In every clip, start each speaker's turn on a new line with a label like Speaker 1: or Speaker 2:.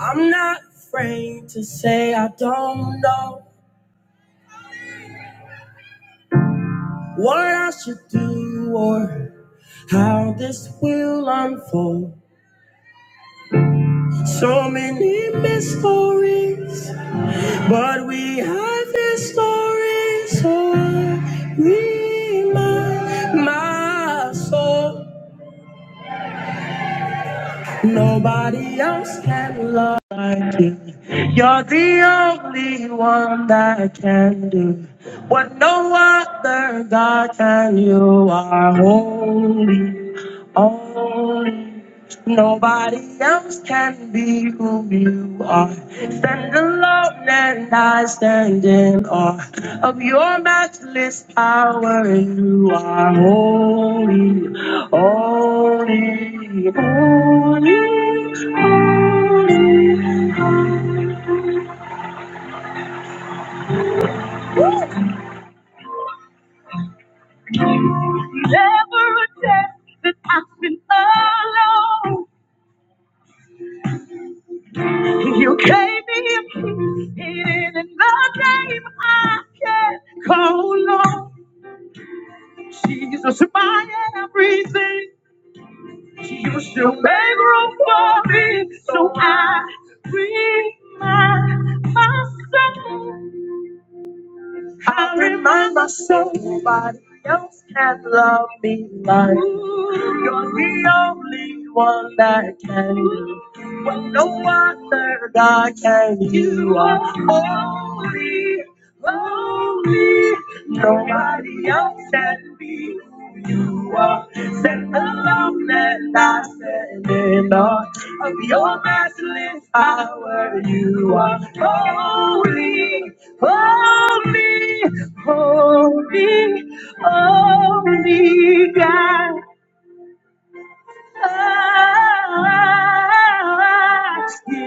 Speaker 1: I'm not afraid to say I don't know what I should do or how this will unfold. So many mysteries, but we have this story, so I remind my soul. Nobody else can love like you. You're the only one that can do what no other God can. You are holy, holy. Nobody else can be who you are. Stand alone and I stand in awe of your matchless power. You are holy, holy, holy, holy. Never a test that I, you gave me hidden in the name. Call on Jesus, my everything. You made room for me, so I remind myself. I remind myself nobody else can love me like you. you're the only one that can. When no other God can, you are holy, holy. Nobody else can be you are. Set alone and I stand in awe of your matchless power. You are holy, holy, holy, holy God.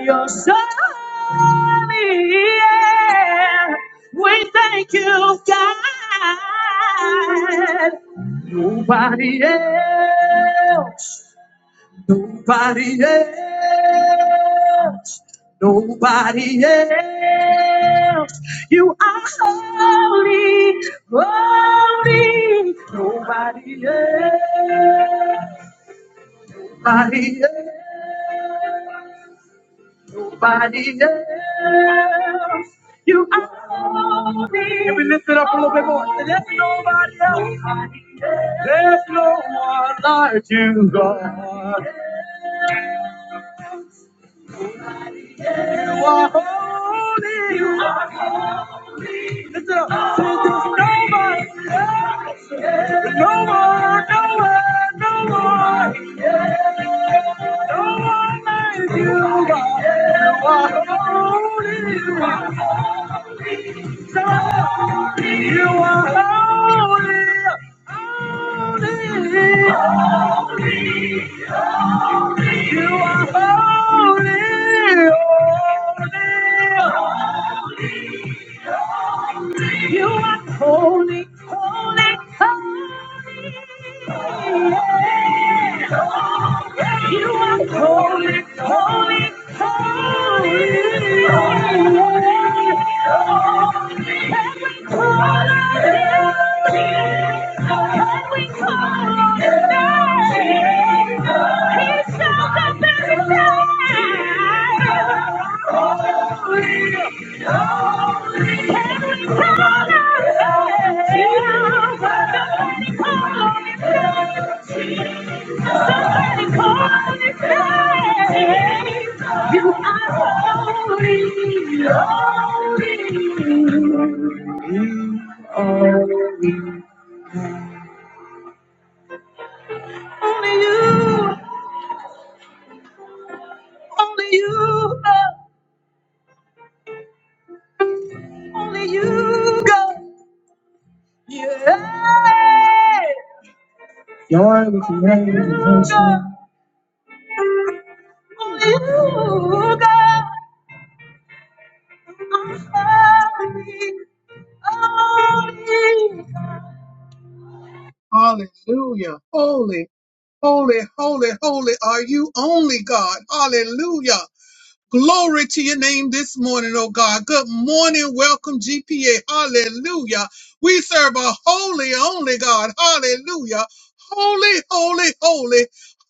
Speaker 1: Your son, yeah. We thank you, God. Nobody else, nobody else, nobody else. You are holy, holy. Nobody else, nobody else. Nobody else. You are me. And we lift it up a little bit more. There's nobody else. There's no one like you, God. You are holy. You are. Lift it up. Say, there's nobody, no one, no one, no one, no one like you, God. You are holy. You are holy. You are holy. You are holy, holy. You are holy, holy, holy. Yeah. You are holy, holy, holy. Holy, holy, Somebody call his name. You are holy, holy. holy. Only you, only you, God. only you, God. Yeah. Joy with the angels. God. Only you, God. I'm sorry. Only Hallelujah. Holy, holy, holy, holy are you only God. Hallelujah. Glory to your name this morning, oh God. Good morning. Welcome, GPA. Hallelujah. We serve a holy, only God. Hallelujah. Holy, holy, holy.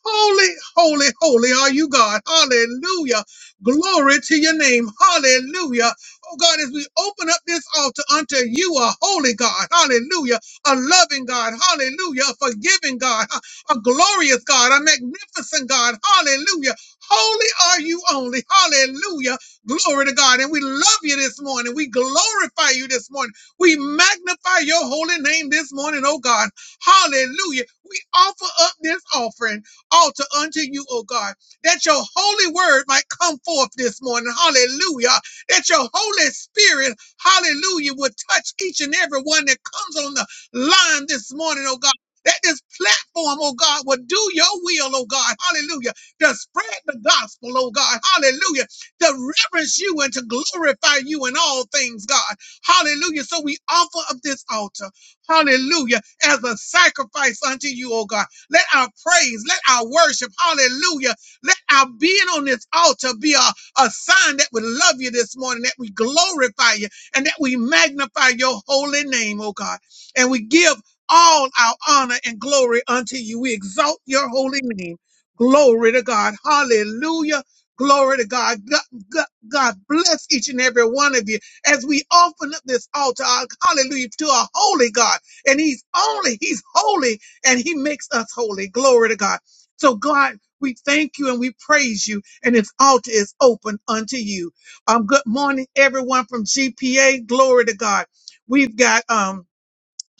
Speaker 1: Holy, holy, holy are you, God. Hallelujah. Glory to your name. Hallelujah. Oh God, as we open up this altar unto you, a holy God. Hallelujah. A loving God. Hallelujah. A forgiving God. A a glorious God. A magnificent God. Hallelujah Holy are you only. Hallelujah. Glory to God. And we love you this morning. We glorify you this morning. We magnify your holy name this morning, oh God. Hallelujah. We offer up this offering, altar unto you, oh God, that your holy word might come forth this morning. Hallelujah. That your Holy Spirit, hallelujah, would touch each and every one that comes on the line this morning, oh God. That this platform, oh God, will do your will, oh God. Hallelujah to spread the gospel, oh God. Hallelujah. To reverence you and to glorify you in all things, God. Hallelujah. So we offer up this altar, hallelujah, as a sacrifice unto you, oh God. Let our praise, let our worship, hallelujah, let our being on this altar be a, a sign that we love you this morning, that we glorify you, and that we magnify your holy name, oh God. And we give all our honor and glory unto you. We exalt your holy name. Glory to God. Hallelujah. Glory to God. God, God. God bless each and every one of you as we open up this altar. Hallelujah to a holy God. And he's only, he's holy and he makes us holy. Glory to God. So God, we thank you and we praise you and this altar is open unto you. Um, good morning, everyone from GPA. Glory to God. We've got, um,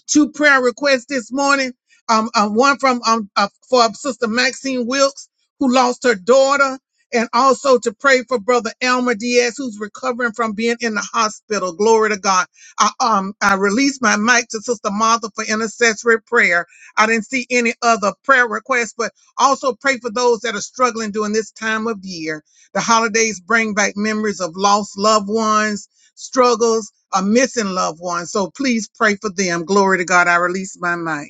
Speaker 1: two prayer requests this morning. Um, um, one from um uh, for Sister Maxine Wilkes, who lost her daughter, and also to pray for Brother Elmer Diaz, who's recovering from being in the hospital. Glory to God. I um I released my mic to Sister Martha for intercessory prayer. I didn't see any other prayer requests, but also pray for those that are struggling during this time of year. The holidays bring back memories of lost loved ones struggles, or missing loved ones. So please pray for them. Glory to God. I release my mic.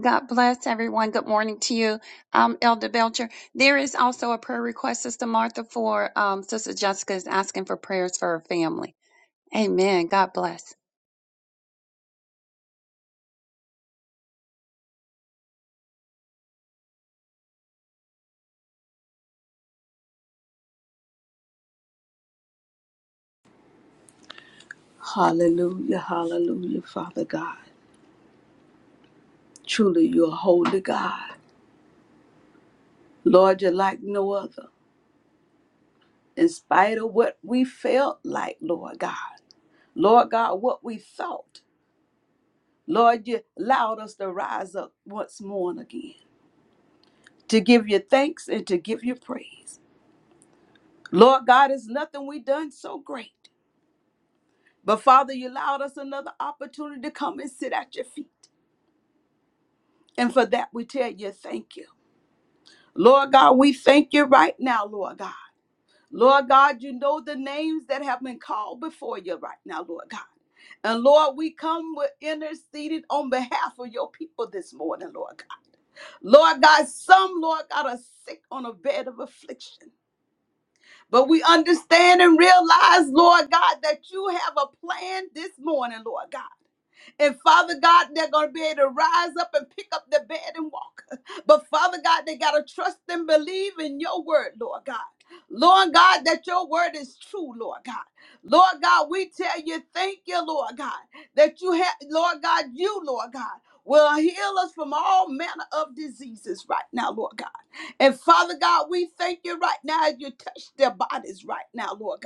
Speaker 2: God bless everyone. Good morning to you, um, Elder Belcher. There is also a prayer request, Sister Martha, for um, Sister Jessica is asking for prayers for her family. Amen. God bless.
Speaker 3: Hallelujah, hallelujah, Father God. Truly, you're a holy God. Lord, you're like no other. In spite of what we felt like, Lord God, Lord God, what we thought, Lord, you allowed us to rise up once more and again to give you thanks and to give you praise. Lord God, it's nothing we done so great. But Father, you allowed us another opportunity to come and sit at your feet. And for that, we tell you thank you. Lord God, we thank you right now, Lord God. Lord God, you know the names that have been called before you right now, Lord God. And Lord, we come with interceded on behalf of your people this morning, Lord God. Lord God, some, Lord God, are sick on a bed of affliction. But we understand and realize, Lord God, that you have a plan this morning, Lord God. And Father God, they're going to be able to rise up and pick up their bed and walk. But Father God, they got to trust and believe in your word, Lord God. Lord God, that your word is true, Lord God. Lord God, we tell you, thank you, Lord God, that you have, Lord God, you, Lord God, will heal us from all manner of diseases right now, Lord God. And Father God, we thank you right now as you touch their bodies right now, Lord God.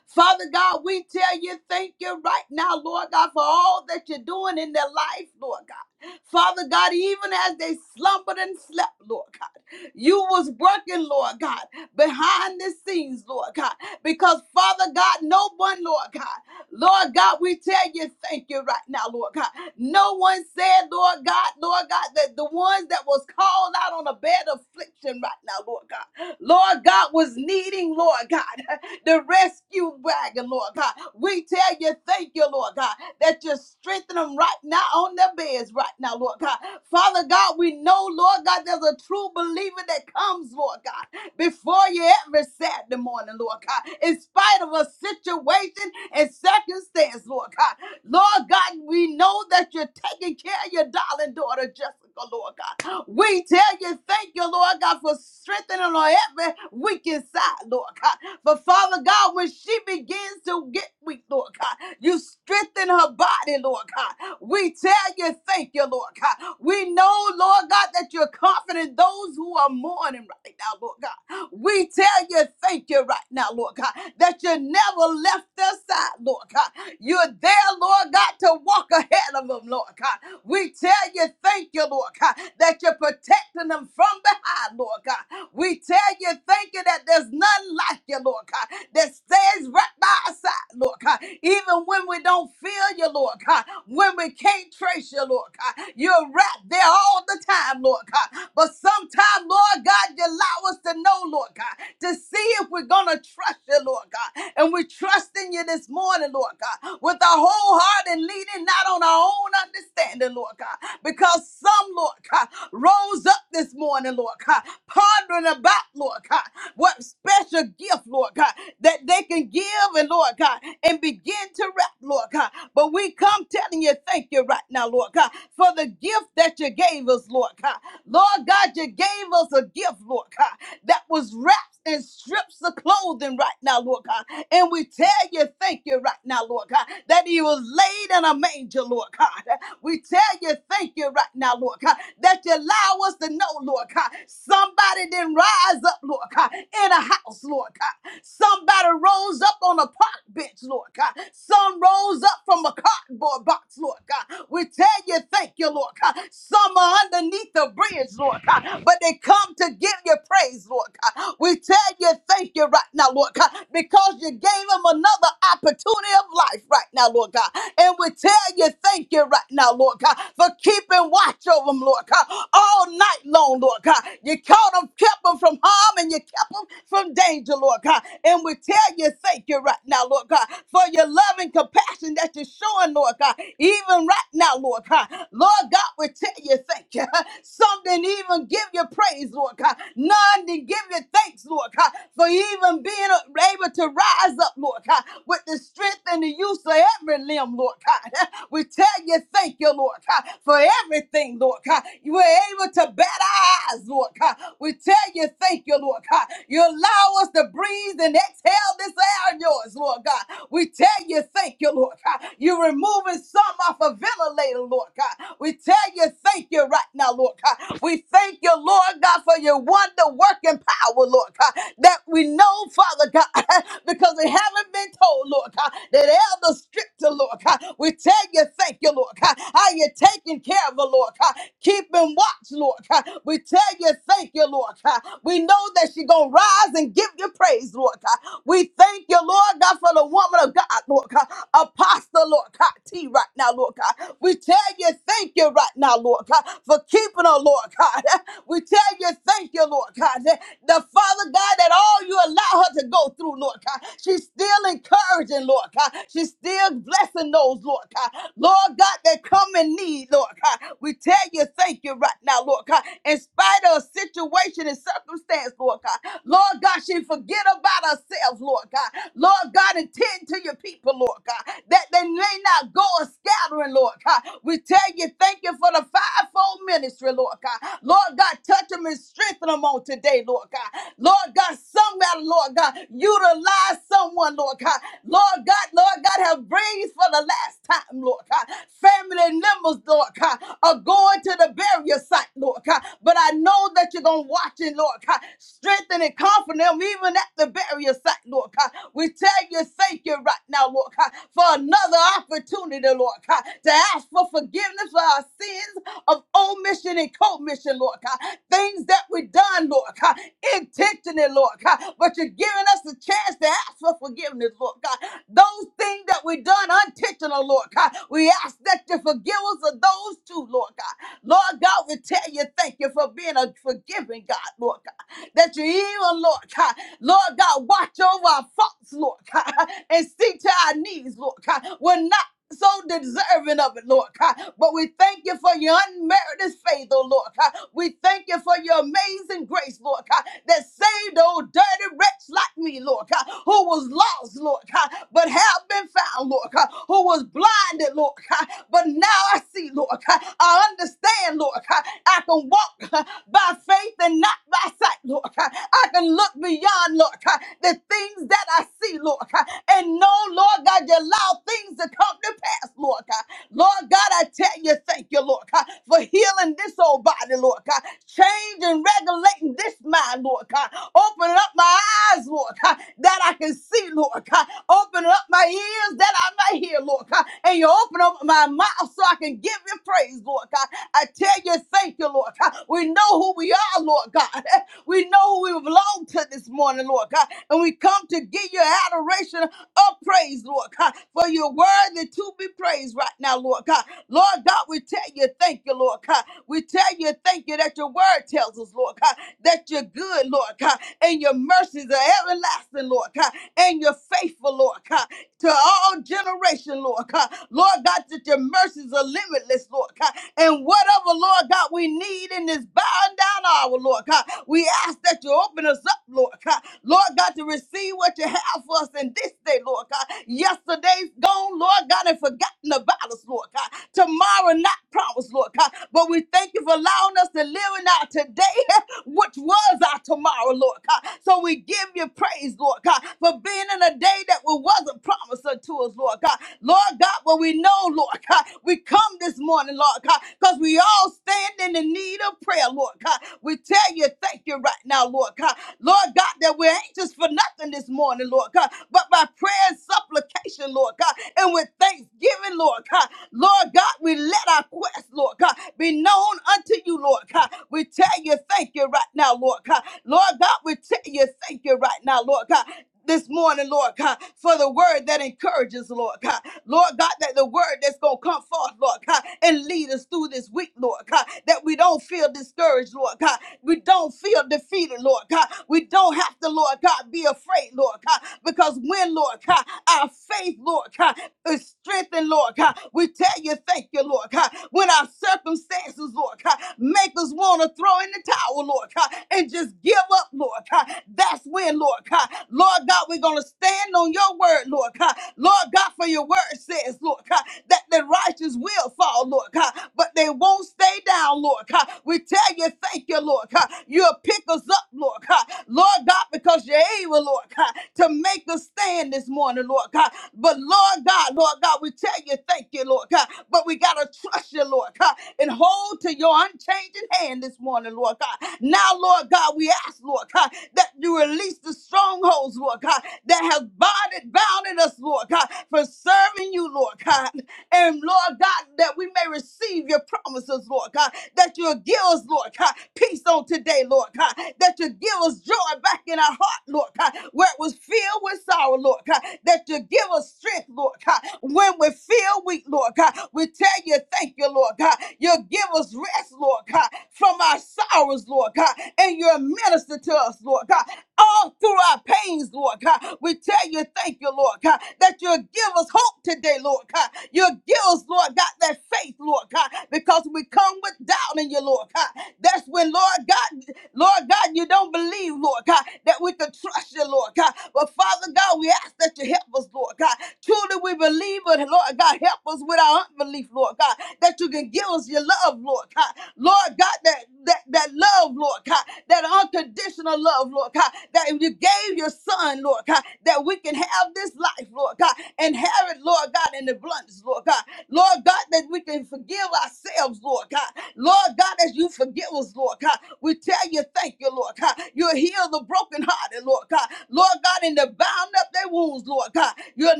Speaker 3: Father God, we tell you thank you right now, Lord God, for all that you're doing in their life, Lord God. Father God, even as they slumbered and slept, Lord God, you was working, Lord God, behind the scenes, Lord God, because Father God, no one, Lord God, Lord God, we tell you thank you right now, Lord God. No one said, Lord God, Lord God, that the ones that was called out on a bed of affliction right now, Lord God, Lord God was needing, Lord God the rescue wagon, Lord God. We tell you, thank you, Lord God, that you strengthen them right now on their beds right now, Lord God. Father God, we know, Lord God, there's a true believer that comes, Lord God, before you every Saturday morning, Lord God, in spite of a situation and circumstance, Lord God. Lord God, we know that you're taking care of your darling daughter, Jessica, Lord God. We tell you, thank you, Lord God, for strengthening on every weak inside, Lord God. But Father God, when she begins to get weak, Lord God, you strengthen her body, Lord God. We tell you, thank you, Lord God. We know, Lord God, that you're comforting those who are mourning right now, Lord God. We tell you, thank you right now, Lord God, that you never left their side, Lord God. You're there, Lord God, to walk ahead of them, Lord God. We tell you, thank you, Lord God, that you're protecting them from behind, Lord God. We tell you, thank you that there's none like you, Lord God, that stands right by our side, Lord God. Even when we don't feel you, Lord God, when we can't trace you, Lord God, you're right there all the time, Lord God. But sometimes, Lord God, you allow us to know, Lord God, to see if we're going to trust you, Lord God. And we're trusting you this morning, Lord God, with our whole heart and leading not on our own understanding, Lord God, because some, Lord God, rose up this morning, Lord God, pondering about, Lord God. What special gift, Lord God, that they can give and Lord God and begin to rap, Lord God. But we come telling you, thank you right now, Lord God, for the gift that you gave us, Lord God. Lord God, you gave us a gift, Lord God, that was wrapped and strips the clothing right now, Lord God. And we tell you, thank you right now, Lord God, that he was laid in a manger, Lord God. We tell you, thank you right now, Lord God, that you allow us to know, Lord God, somebody didn't rise up, Lord God, in a house, Lord God. Somebody rose up on a park bench, Lord God. Some rose up from a cardboard box, Lord God. We tell you, thank you, Lord God. Some are underneath the bridge, Lord God, but they come to give you praise, Lord God. We tell you thank you right now, Lord God, because you gave them another opportunity of life right now, Lord God. And we tell you thank you right now, Lord God, for keeping watch over them, Lord God, all night long, Lord God. You caught them, kept them from harm, and you kept them from danger, Lord God. And we tell you thank you right now, Lord God, for your love and compassion that you're showing, Lord God, even right now, Lord God. Lord God, we tell you thank you. you. Some didn't even give you praise, Lord God. None didn't give you thanks, Lord God, for even being able to rise up, Lord God, with the strength and the use of every limb, Lord God. We tell you, thank you, Lord God, for everything, Lord God. You were able to bat our eyes, Lord God. We tell you, thank you, Lord God. You allow us to breathe and exhale this air of yours, Lord God. We tell you, thank you, Lord God. You're removing some off of ventilators, later, Lord God. We tell you, thank you right now, Lord God. We thank you, Lord God, for your wonder working power, Lord God, that we know, Father God, because we haven't been told, Lord God, that Elder Stricter, Lord God. We tell you, thank you, Lord God, how you're taking care of her, Lord God, keeping watch, Lord God. We tell you, thank you, Lord God. We know that she's going to rise and give you praise, Lord God. We thank you, Lord. Lord God, for the woman of God, Lord God, Apostle, Lord God, T right now, Lord God. We tell you thank you right now, Lord God, for keeping her, Lord God. We tell you thank you, Lord God, that the Father God, that all you allow her to go through, Lord God, she's still encouraging, Lord God. She's still blessing those, Lord God. Lord God, that come in need, Lord God. We tell you thank you right now, Lord God. In spite of a situation and circumstance, Lord God. Lord God, she forget about about ourselves, Lord God. Lord God, attend to your people, Lord God, that they may not go a scattering, Lord God. We tell you, thank you for the fivefold ministry, Lord God. Lord God, touch them and strengthen them on today, Lord God. Lord God, somebody, Lord God, utilize someone, Lord God. Lord God, Lord God, have breathed for the last time, Lord God. Family members, Lord God, are going to the burial site, Lord God. But I know that you're going to watch it, Lord God. Strengthen and comfort far from them, even at the burial site, Lord God. We tell you, thank you right now, Lord God, for another opportunity, Lord God, to ask for forgiveness for our sins of omission and commission, Lord God. Things that we have done, Lord God, intentionally, Lord God, but you're giving us a chance to ask for forgiveness, Lord God. Those things that we have done unintentional, Lord God, we ask that you forgive us of those too, Lord God. Lord God, we tell you thank you for being a forgiving God, Lord God that you hear, Lord God. Lord God, watch over our faults, Lord God, and see to our needs, Lord God. We're not so deserving of it, Lord God. But we thank you for your unmerited faith, oh Lord God. We thank you for your amazing grace, Lord God, that saved old dirty wretch like me, Lord God, who was lost, Lord God, but have been found, Lord God, who was blinded, Lord God, but now I see, Lord God. I understand, Lord God. I can walk by faith and not by sight, Lord God. I can look beyond, Lord God, the things that I see, Lord God, and know, Lord God, your light allow things to come to pass, Lord God. Lord God, I tell you, thank you, Lord God, for healing this old body, Lord God. Change and regulating this mind, Lord God. Open up my eyes, Lord God, that I can see, Lord God. Open up my ears that I may hear, Lord God. And you open up my mouth so I can give you praise, Lord God. I tell you, thank you, Lord God. We know who we are, Lord God. We know who we belong to this morning, Lord God. And we come to give you adoration all praise, Lord God, for you're worthy to be praised right now, Lord God. Lord God, we tell you thank you, Lord God. We tell you thank you that your word tells us, Lord God, that you're good, Lord God, and your mercies are everlasting, Lord God, and you're faithful, Lord God, to all generation, Lord God. Lord God, that your mercies are limitless, Lord God, and whatever, Lord God, we need in this bowing down hour, Lord God, we ask that you open us up, Lord God. Lord God, to receive what you have done for us in this day, Lord God. Yesterday's gone, Lord God, and forgotten about us, Lord God. Tomorrow not promised, Lord God. But we thank you for allowing us to live in our today, which was our tomorrow, Lord God. So we give you praise, Lord God, for being in a day that we wasn't promised unto us, Lord God. Lord God, what we know, Lord God, we come this morning, Lord God, because we all stand in the need of prayer, Lord God. We tell you, thank you right now, Lord God. Lord God, that we're anxious for nothing nothing this morning, Lord God, but by prayer and supplication, Lord God, and with thanksgiving, Lord God. Lord God, we let our quest, Lord God, be known unto you, Lord God. We tell you thank you right now, Lord God. Lord God, we tell you thank you right now, Lord God this morning, Lord God, for the word that encourages, Lord God. Lord God, that the word that's going to come forth, Lord God, and lead us through this week, Lord God, that we don't feel discouraged, Lord God. We don't feel defeated, Lord God. We don't have to, Lord God, be afraid, Lord God, because when, Lord God, our faith, Lord God, is strengthened, Lord God, we tell you, thank you, Lord God, when our circumstances, Lord God, make us want to throw in the towel, Lord God, and just give give up, Lord God. That's when, Lord God. Lord God, we're going to stand on your word, Lord God. Lord God, for your word says, Lord God, that the righteous will fall, Lord God, but they won't stay down, Lord God. We tell you, thank you, Lord God. You'll pick us up, Lord God. Lord God, because you're able, Lord God, to make us stand this morning, Lord God. But Lord God, Lord God, we tell you, thank you, Lord God. But we got to trust you, Lord God, and hold to your unchanging changing hand this morning, Lord God. Now, Lord God, we ask, Lord God, that you release the strongholds, Lord God, that have bonded, bounded us, Lord God, for serving you, Lord God. And Lord God, that we may receive your promises, Lord God, that you'll give us, Lord God, peace on today, Lord God, that you'll give us joy back in our heart, Lord God, where it was filled with sorrow, Lord God, that you'll give us strength, Lord God, when we feel weak, Lord God. We tell you you, thank you, Lord God. You'll give us rest, Lord God, from our sorrows, Lord God, and you'll minister to us, Lord God, all through our pains, Lord God. We tell you, thank you, Lord God, that you'll give us hope today, Lord God. You'll give us, Lord God, that faith, Lord God, because we come with doubt in you, Lord God. That's when, Lord God, Lord God, you don't believe, Lord God, that we can trust you, Lord God. But Father God, we ask that you help us, Lord God. Truly, we we believe it, Lord God, help us with our unbelief, Lord God, that you can give us your love, Lord God. Lord God, that that, that love, Lord God, that unconditional love, Lord God, that you gave your son, Lord God, that we can have this life, Lord God, and have it, Lord God, in the abundance, Lord God. Lord God, that we can forgive ourselves, Lord God. Lord God, as you forgive us, Lord God, we tell you thank you, Lord God. You heal the brokenhearted, Lord God. Lord God, in the bound up their wounds, Lord God. You'll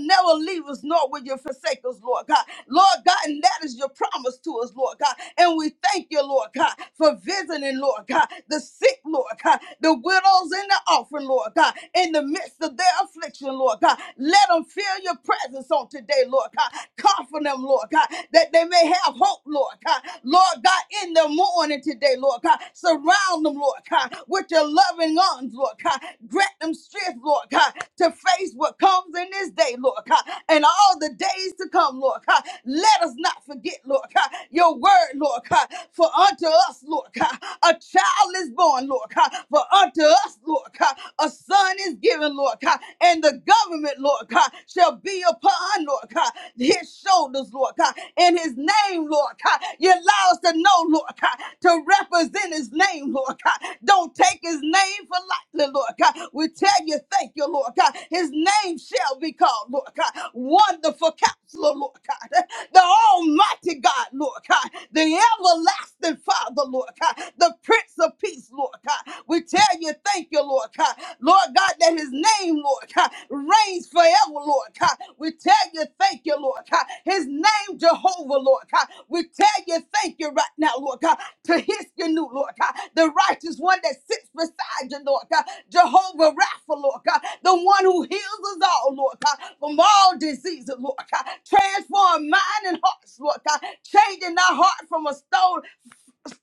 Speaker 3: never leave us, nor will you forsake us, Lord God. Lord God, and that is your promise to us, Lord God. And we thank you, Lord God, for visiting, Lord God, the sick, Lord God, the widows and the orphan, Lord God, in the midst of their affliction, Lord God. Let them feel your presence on today, Lord God. Comfort them, Lord God, that they may have hope, Lord God. Lord God, in the morning today, Lord God, surround them, Lord God, with your loving loving arms, Lord God. Grant them strength, Lord God, to face what comes in this day, Lord God, and all the days to come, Lord God. Let us not forget, Lord God, your word, Lord God. For unto us, Lord God, a child is born, Lord God. For unto us, Lord God, a son is given, Lord God. And the government, Lord God, shall be upon, Lord God, his shoulders, Lord God. In his name, Lord God, you allow us to know, Lord God, to represent his name, Lord God. Don't take his name for lightly, Lord God. We tell you, thank you, Lord God. His name shall be called, Lord God. Wonderful counselor, Lord God. The almighty God, Lord God. The everlasting Father, Lord God. The Prince of Peace, Lord God. We tell you, thank you, Lord God. Lord God, that his name, Lord God, reigns forever, Lord God. We tell you, thank you, Lord God. His name, Jehovah, Lord God. We tell you, thank you right now, Lord God, to his your new, Lord God, the righteous one that sits beside you, Lord God, Jehovah Rapha, Lord God, the one who heals us all, Lord God, from all diseases, Lord God. Transform mind and hearts, Lord God, changing our heart from a stone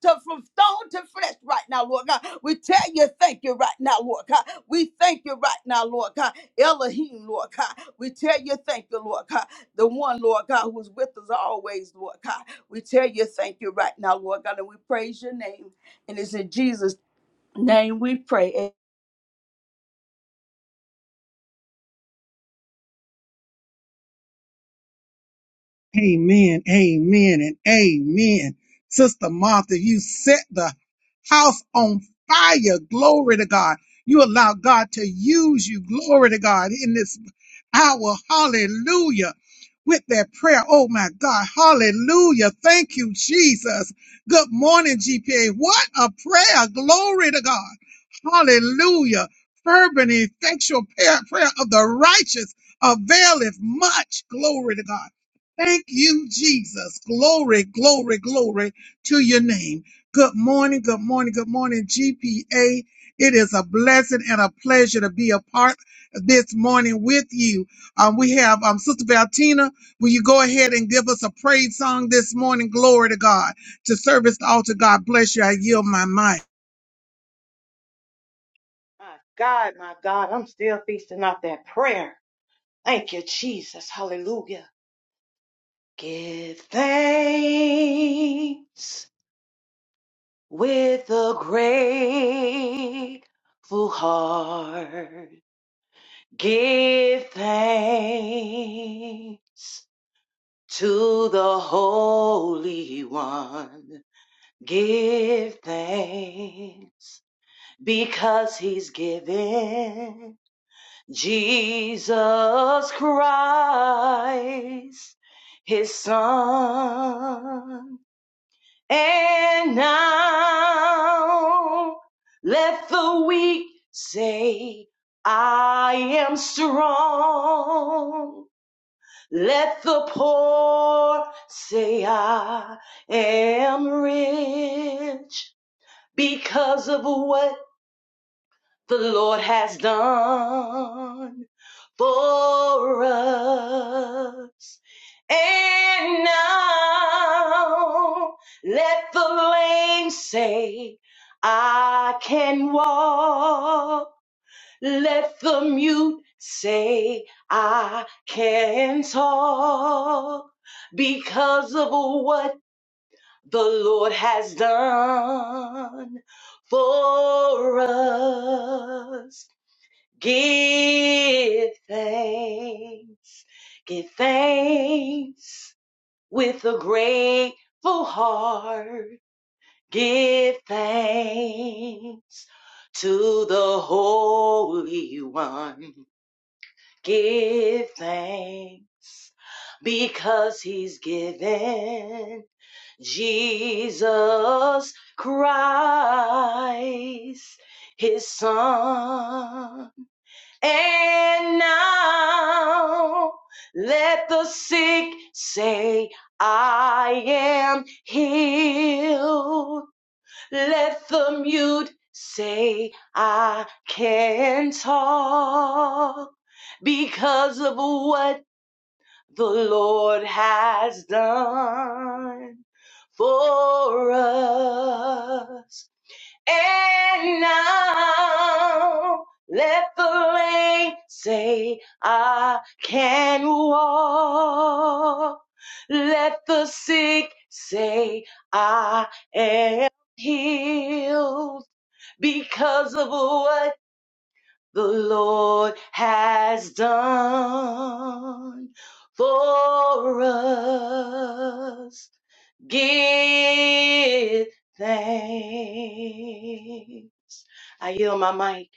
Speaker 3: to, from stone to flesh right now, Lord God. We tell you, thank you right now, Lord God. We thank you right now, Lord God. Elohim, Lord God. We tell you, thank you, Lord God. The one, Lord God, who's with us always, Lord God. We tell you thank you right now, Lord God, and we praise your name. And it's in Jesus' name we pray.
Speaker 1: Amen, amen, and amen. Sister Martha, you set the house on fire. Glory to God. You allow God to use you. Glory to God in this hour. Hallelujah. With that prayer. Oh my God. Hallelujah. Thank you, Jesus. Good morning, GPA. What a prayer. Glory to God. Hallelujah. Fervent, effectual prayer prayer of the righteous availeth much. Glory to God. Thank you, Jesus. Glory, glory, glory to your name. Good morning, good morning, good morning, GPA. It is a blessing and a pleasure to be a part this morning with you. Um, we have um, Sister Valtina. Will you go ahead and give us a praise song this morning? Glory to God. To service the altar, God bless you. I yield my mic.
Speaker 4: My God, my God, I'm still feasting off that prayer. Thank you, Jesus. Hallelujah. Give thanks with a grateful heart. Give thanks to the Holy One. Give thanks because he's given Jesus Christ, his son. And now let the weak say, I am strong. Let the poor say, I am rich because of what the Lord has done for us. And now let the lame say, I can walk. Let the mute say, I can talk because of what the Lord has done for us. Give thanks. Give thanks with a grateful heart. Give thanks to the Holy One. Give thanks because he's given Jesus Christ, his son and now let the sick say, I am healed. Let the mute say, I can talk because of what the Lord has done for us. And now let the lame say, I can walk. Let the sick say, I am healed because of what the Lord has done for us. Give thanks. I yield my mic.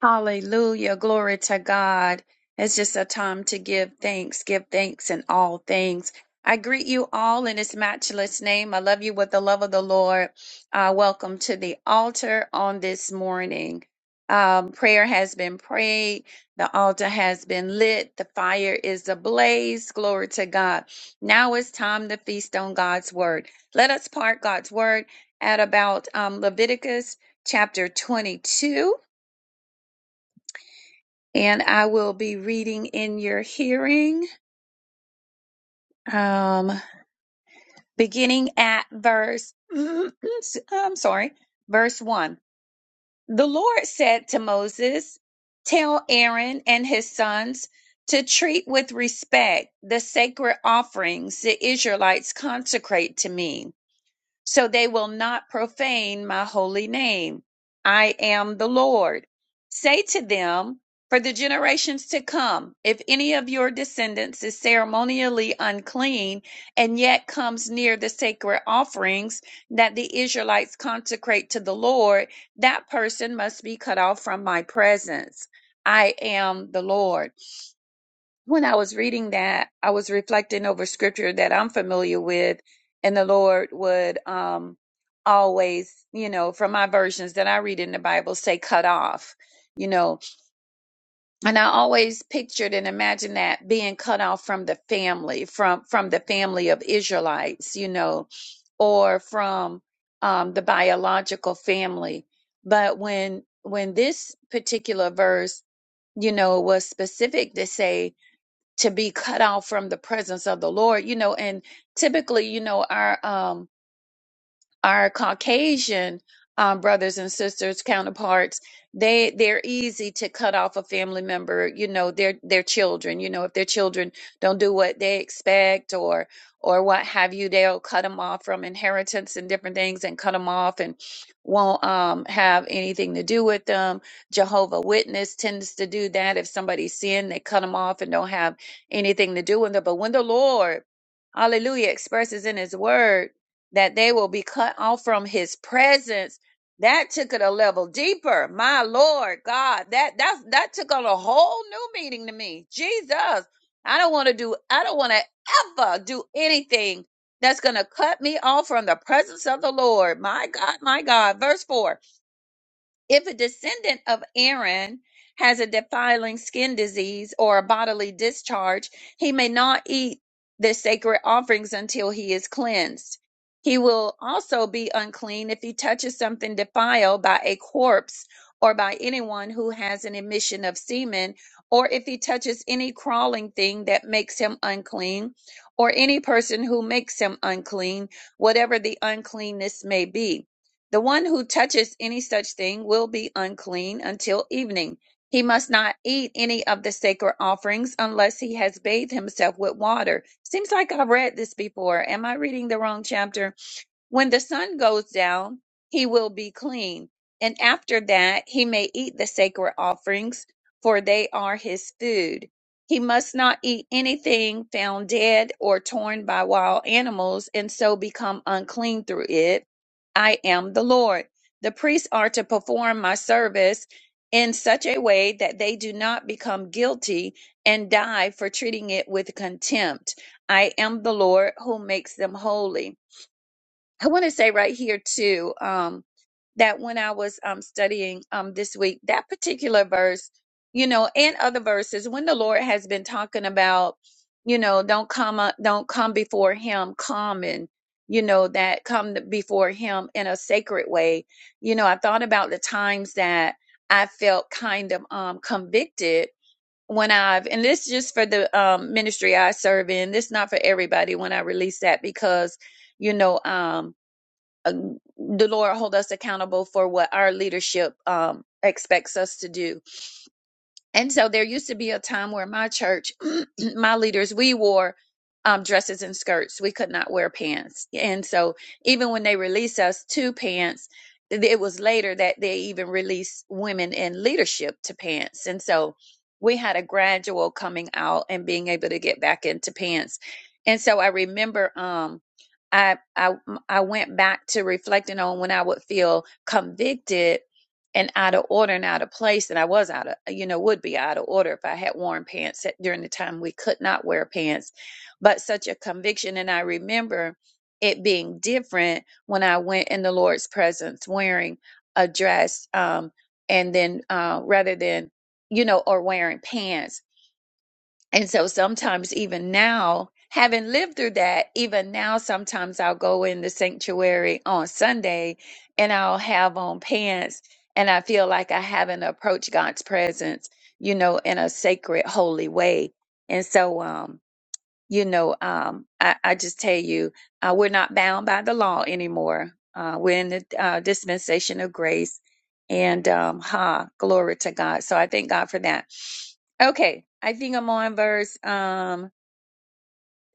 Speaker 2: Hallelujah. Glory to God. It's just a time to give thanks, give thanks in all things. I greet you all in his matchless name. I love you with the love of the Lord. Uh, welcome to the altar on this morning. Um, prayer has been prayed. The altar has been lit. The fire is ablaze. Glory to God. Now it's time to feast on God's word. Let us part God's word at about um, Leviticus chapter 22 and I will be reading in your hearing, um, beginning at verse, I'm sorry, verse 1. The Lord said to Moses, Tell Aaron and his sons to treat with respect the sacred offerings the Israelites consecrate to me so they will not profane my holy name. I am the Lord. Say to them, for the generations to come, if any of your descendants is ceremonially unclean and yet comes near the sacred offerings that the Israelites consecrate to the Lord, that person must be cut off from my presence. I am the Lord when I was reading that, I was reflecting over scripture that I'm familiar with, and the Lord would um, always, you know, from my versions that I read in the Bible, say cut off, you know, and I always pictured and imagined that being cut off from the family, from from the family of Israelites, you know, or from um, the biological family. But when when this particular verse, you know, was specific to say to be cut off from the presence of the Lord, you know, and typically, you know, our um our Caucasian um, brothers and sisters counterparts, they they're easy to cut off a family member. You know, their their children. You know, if their children don't do what they expect or or what have you, they'll cut them off from inheritance and different things and cut them off and won't um, have anything to do with them. Jehovah Witness tends to do that. If somebody's sin, they cut them off and don't have anything to do with them. But when the Lord, Hallelujah, expresses in His Word that they will be cut off from his presence. That took it a level deeper. My Lord God, that that that took on a whole new meaning to me. Jesus, I don't want to do I don't want to ever do anything that's going to cut me off from the presence of the Lord. My God, my God. Verse 4. If a descendant of Aaron has a defiling skin disease or a bodily discharge, he may not eat the sacred offerings until he is cleansed. He will also be unclean if he touches something defiled by a corpse or by anyone who has an emission of semen, or if he touches any crawling thing that makes him unclean, or any person who makes him unclean, whatever the uncleanness may be. The one who touches any such thing will be unclean until evening. He must not eat any of the sacred offerings unless he has bathed himself with water. Seems like I've read this before. Am I reading the wrong chapter? When the sun goes down, he will be clean, and after that he may eat the sacred offerings, for they are his food. He must not eat anything found dead or torn by wild animals, and so become unclean through it. I am the Lord. The priests are to perform my service in such a way that they do not become guilty and die for treating it with contempt. I am the Lord who makes them holy. I want to say right here too um, that when I was um, studying um, this week, that particular verse, you know, and other verses, when the Lord has been talking about, you know, don't come, uh, don't come before Him, come and you know that come before Him in a sacred way. You know, I thought about the times that I felt kind of um, convicted when I've, and this just for the um, ministry I serve in. This not for everybody when I release that because, you know, um, uh, the Lord hold us accountable for what our leadership um, expects us to do and so there used to be a time where my church, my leaders, we wore um, dresses and skirts. We could not wear pants. And so even when they released us to pants, th- it was later that they even released women in leadership to pants. And so we had a gradual coming out and being able to get back into pants. And so I remember um, I, I I went back to reflecting on when I would feel convicted and out of order and out of place. And I was out of, you know, would be out of order if I had worn pants at, during the time we could not wear pants, but such a conviction. And I remember it being different when I went in the Lord's presence wearing a dress, um, and then uh, rather than, you know, or wearing pants. And so sometimes, even now, having lived through that, even now, sometimes I'll go in the sanctuary on Sunday and I'll have on pants and I feel like I haven't approached God's presence, you know, in a sacred, holy way. And so, um, you know, um, I, I just tell you, uh, we're not bound by the law anymore. Uh, we're in the uh, dispensation of grace and, um, ha, glory to God. So I thank God for that. Okay, I think I'm on verse um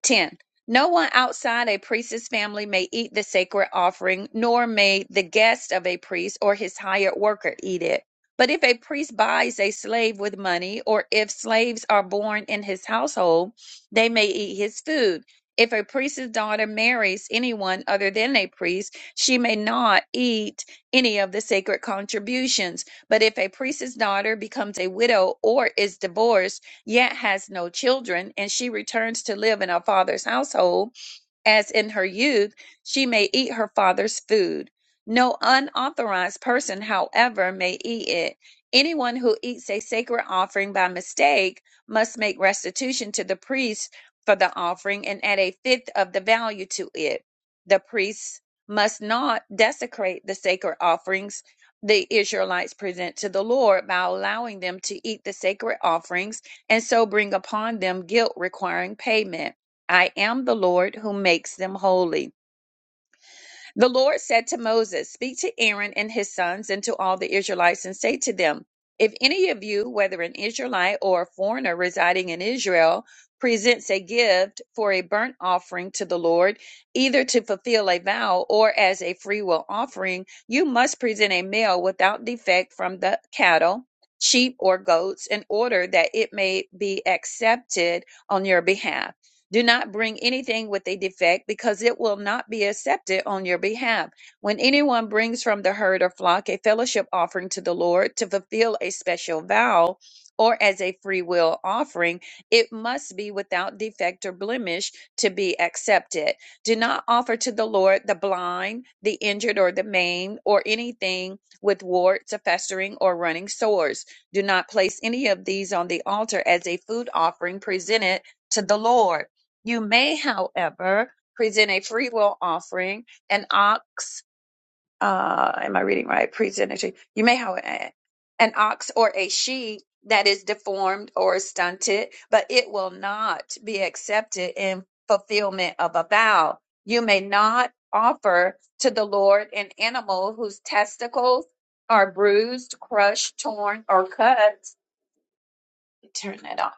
Speaker 2: 10. No one outside a priest's family may eat the sacred offering, nor may the guest of a priest or his hired worker eat it. But if a priest buys a slave with money, or if slaves are born in his household, they may eat his food. If a priest's daughter marries anyone other than a priest, she may not eat any of the sacred contributions. But if a priest's daughter becomes a widow or is divorced, yet has no children, and she returns to live in her father's household as in her youth, she may eat her father's food. No unauthorized person, however, may eat it. Anyone who eats a sacred offering by mistake must make restitution to the priest for the offering and add a fifth of the value to it. The priest must not desecrate the sacred offerings the Israelites present to the Lord by allowing them to eat the sacred offerings and so bring upon them guilt requiring payment. I am the Lord who makes them holy. The Lord said to Moses, Speak to Aaron and his sons and to all the Israelites and say to them, If any of you, whether an Israelite or a foreigner residing in Israel, presents a gift for a burnt offering to the Lord, either to fulfill a vow or as a freewill offering, you must present a male without defect from the cattle, sheep, or goats in order that it may be accepted on your behalf do not bring anything with a defect because it will not be accepted on your behalf. When anyone brings from the herd or flock a fellowship offering to the Lord to fulfill a special vow or as a free will offering, it must be without defect or blemish to be accepted. Do not offer to the Lord the blind, the injured, or the maimed, or anything with warts, a festering, or running sores. Do not place any of these on the altar as a food offering presented to the Lord. You may, however, present a free will offering, an ox, uh, am I reading right? Present a sheep. You may, however, an ox or a sheep that is deformed or stunted, but it will not be accepted in fulfillment of a vow. You may not offer to the Lord an animal whose testicles are bruised, crushed, torn, or cut. Turn it on.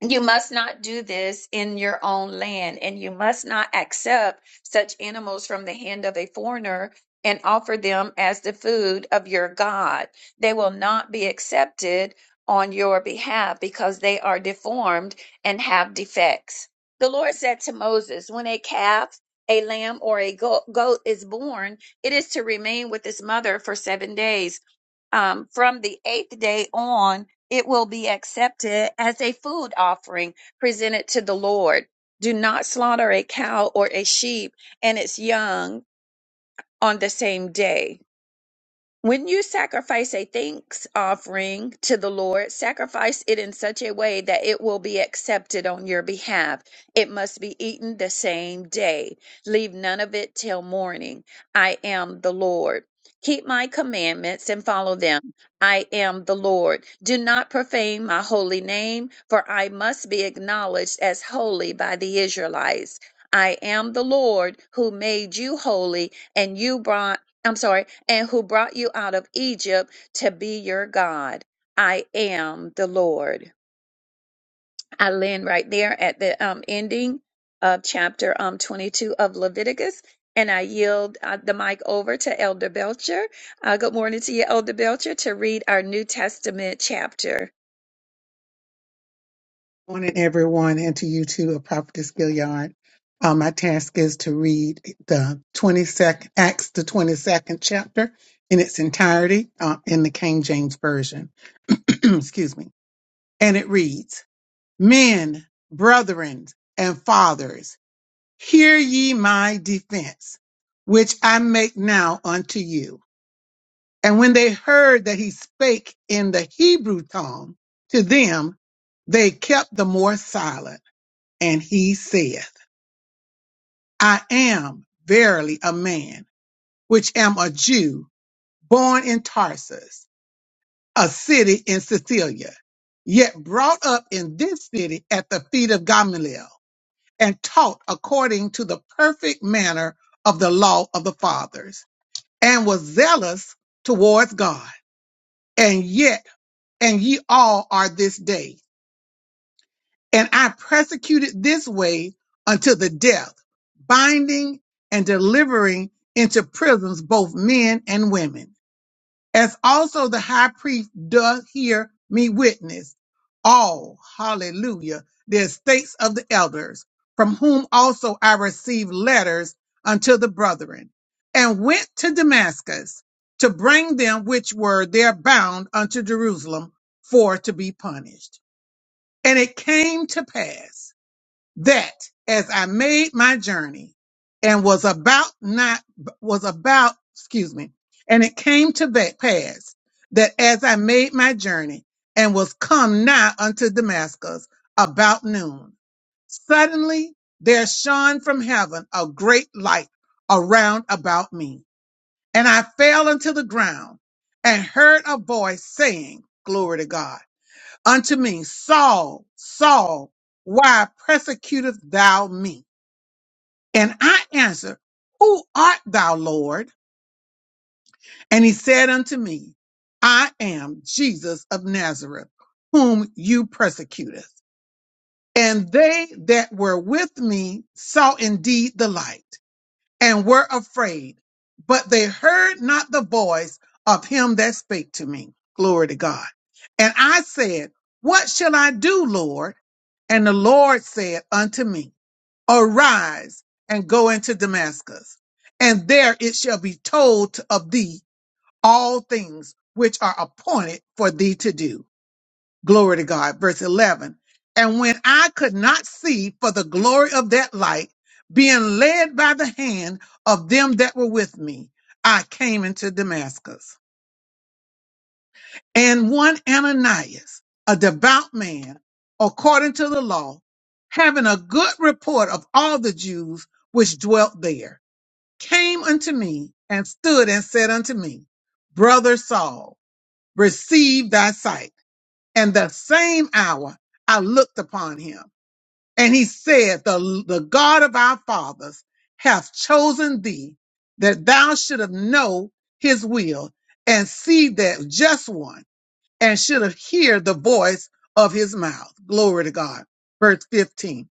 Speaker 2: You must not do this in your own land, and you must not accept such animals from the hand of a foreigner and offer them as the food of your God. They will not be accepted on your behalf because they are deformed and have defects. The Lord said to Moses, When a calf, a lamb, or a go- goat is born, it is to remain with its mother for seven days um, from the eighth day on, it will be accepted as a food offering presented to the Lord. Do not slaughter a cow or a sheep and its young on the same day when you sacrifice a thanks offering to the Lord, sacrifice it in such a way that it will be accepted on your behalf. It must be eaten the same day. Leave none of it till morning. I am the Lord. Keep my commandments and follow them. I am the Lord. Do not profane my holy name, for I must be acknowledged as holy by the Israelites. I am the Lord who made you holy, and you brought. I'm sorry and who brought you out of Egypt to be your God. I am the Lord. I land right there at the um, ending of chapter um, 22 of Leviticus, and I yield uh, the mic over to Elder Belcher. Uh, good morning to you, Elder Belcher, to read our New Testament chapter.
Speaker 1: Morning, everyone, and to you too, a prophetess Gilliard. Uh, my task is to read the 22nd, Acts, the 22nd chapter in its entirety uh, in the King James Version. Excuse me. And it reads Men, brethren, and fathers, hear ye my defense, which I make now unto you. And when they heard that he spake in the Hebrew tongue to them, they kept the more silent and he saith, I am verily a man, which am a Jew, born in Tarsus, a city in Sicilia, yet brought up in this city at the feet of Gamaliel, and taught according to the perfect manner of the law of the fathers, and was zealous towards God. And yet, and ye all are this day and I persecuted this way unto the death, binding and delivering into prisons both men and women. As also the high priest doth hear me witness all, hallelujah, the estates of the elders, from whom also I received letters unto the brethren, and went to Damascus to bring them which were there bound unto Jerusalem for to be punished. And it came to pass that as I made my journey and was about not was about excuse me, and it came to that pass that as I made my journey and was come nigh unto Damascus about noon, suddenly there shone from heaven a great light around about me, and I fell unto the ground and heard a voice saying, "Glory to God." unto me, Saul, Saul, why persecutest thou me? And I answered, Who art thou, Lord? And he said unto me, I am Jesus of Nazareth, whom you persecutest. And they that were with me saw indeed the light and were afraid, but they heard not the voice of him that spake to me. Glory to God. And I said, What shall I do, Lord? And the Lord said unto me, Arise and go into Damascus, and there it shall be told of thee all things which are appointed for thee to do. Glory to God. Verse 11. And when I could not see for the glory of that light, being led by the hand of them that were with me, I came into Damascus. And one Ananias, a devout man, according to the law, having a good report of all the Jews which dwelt there, came unto me and stood and said unto me, Brother Saul, receive thy sight. And the same hour I looked upon him, and he said, The, the God of our fathers hath chosen thee, that thou should have know his will, and see that just one, and should have heard the voice of his mouth. Glory to God. Verse 15.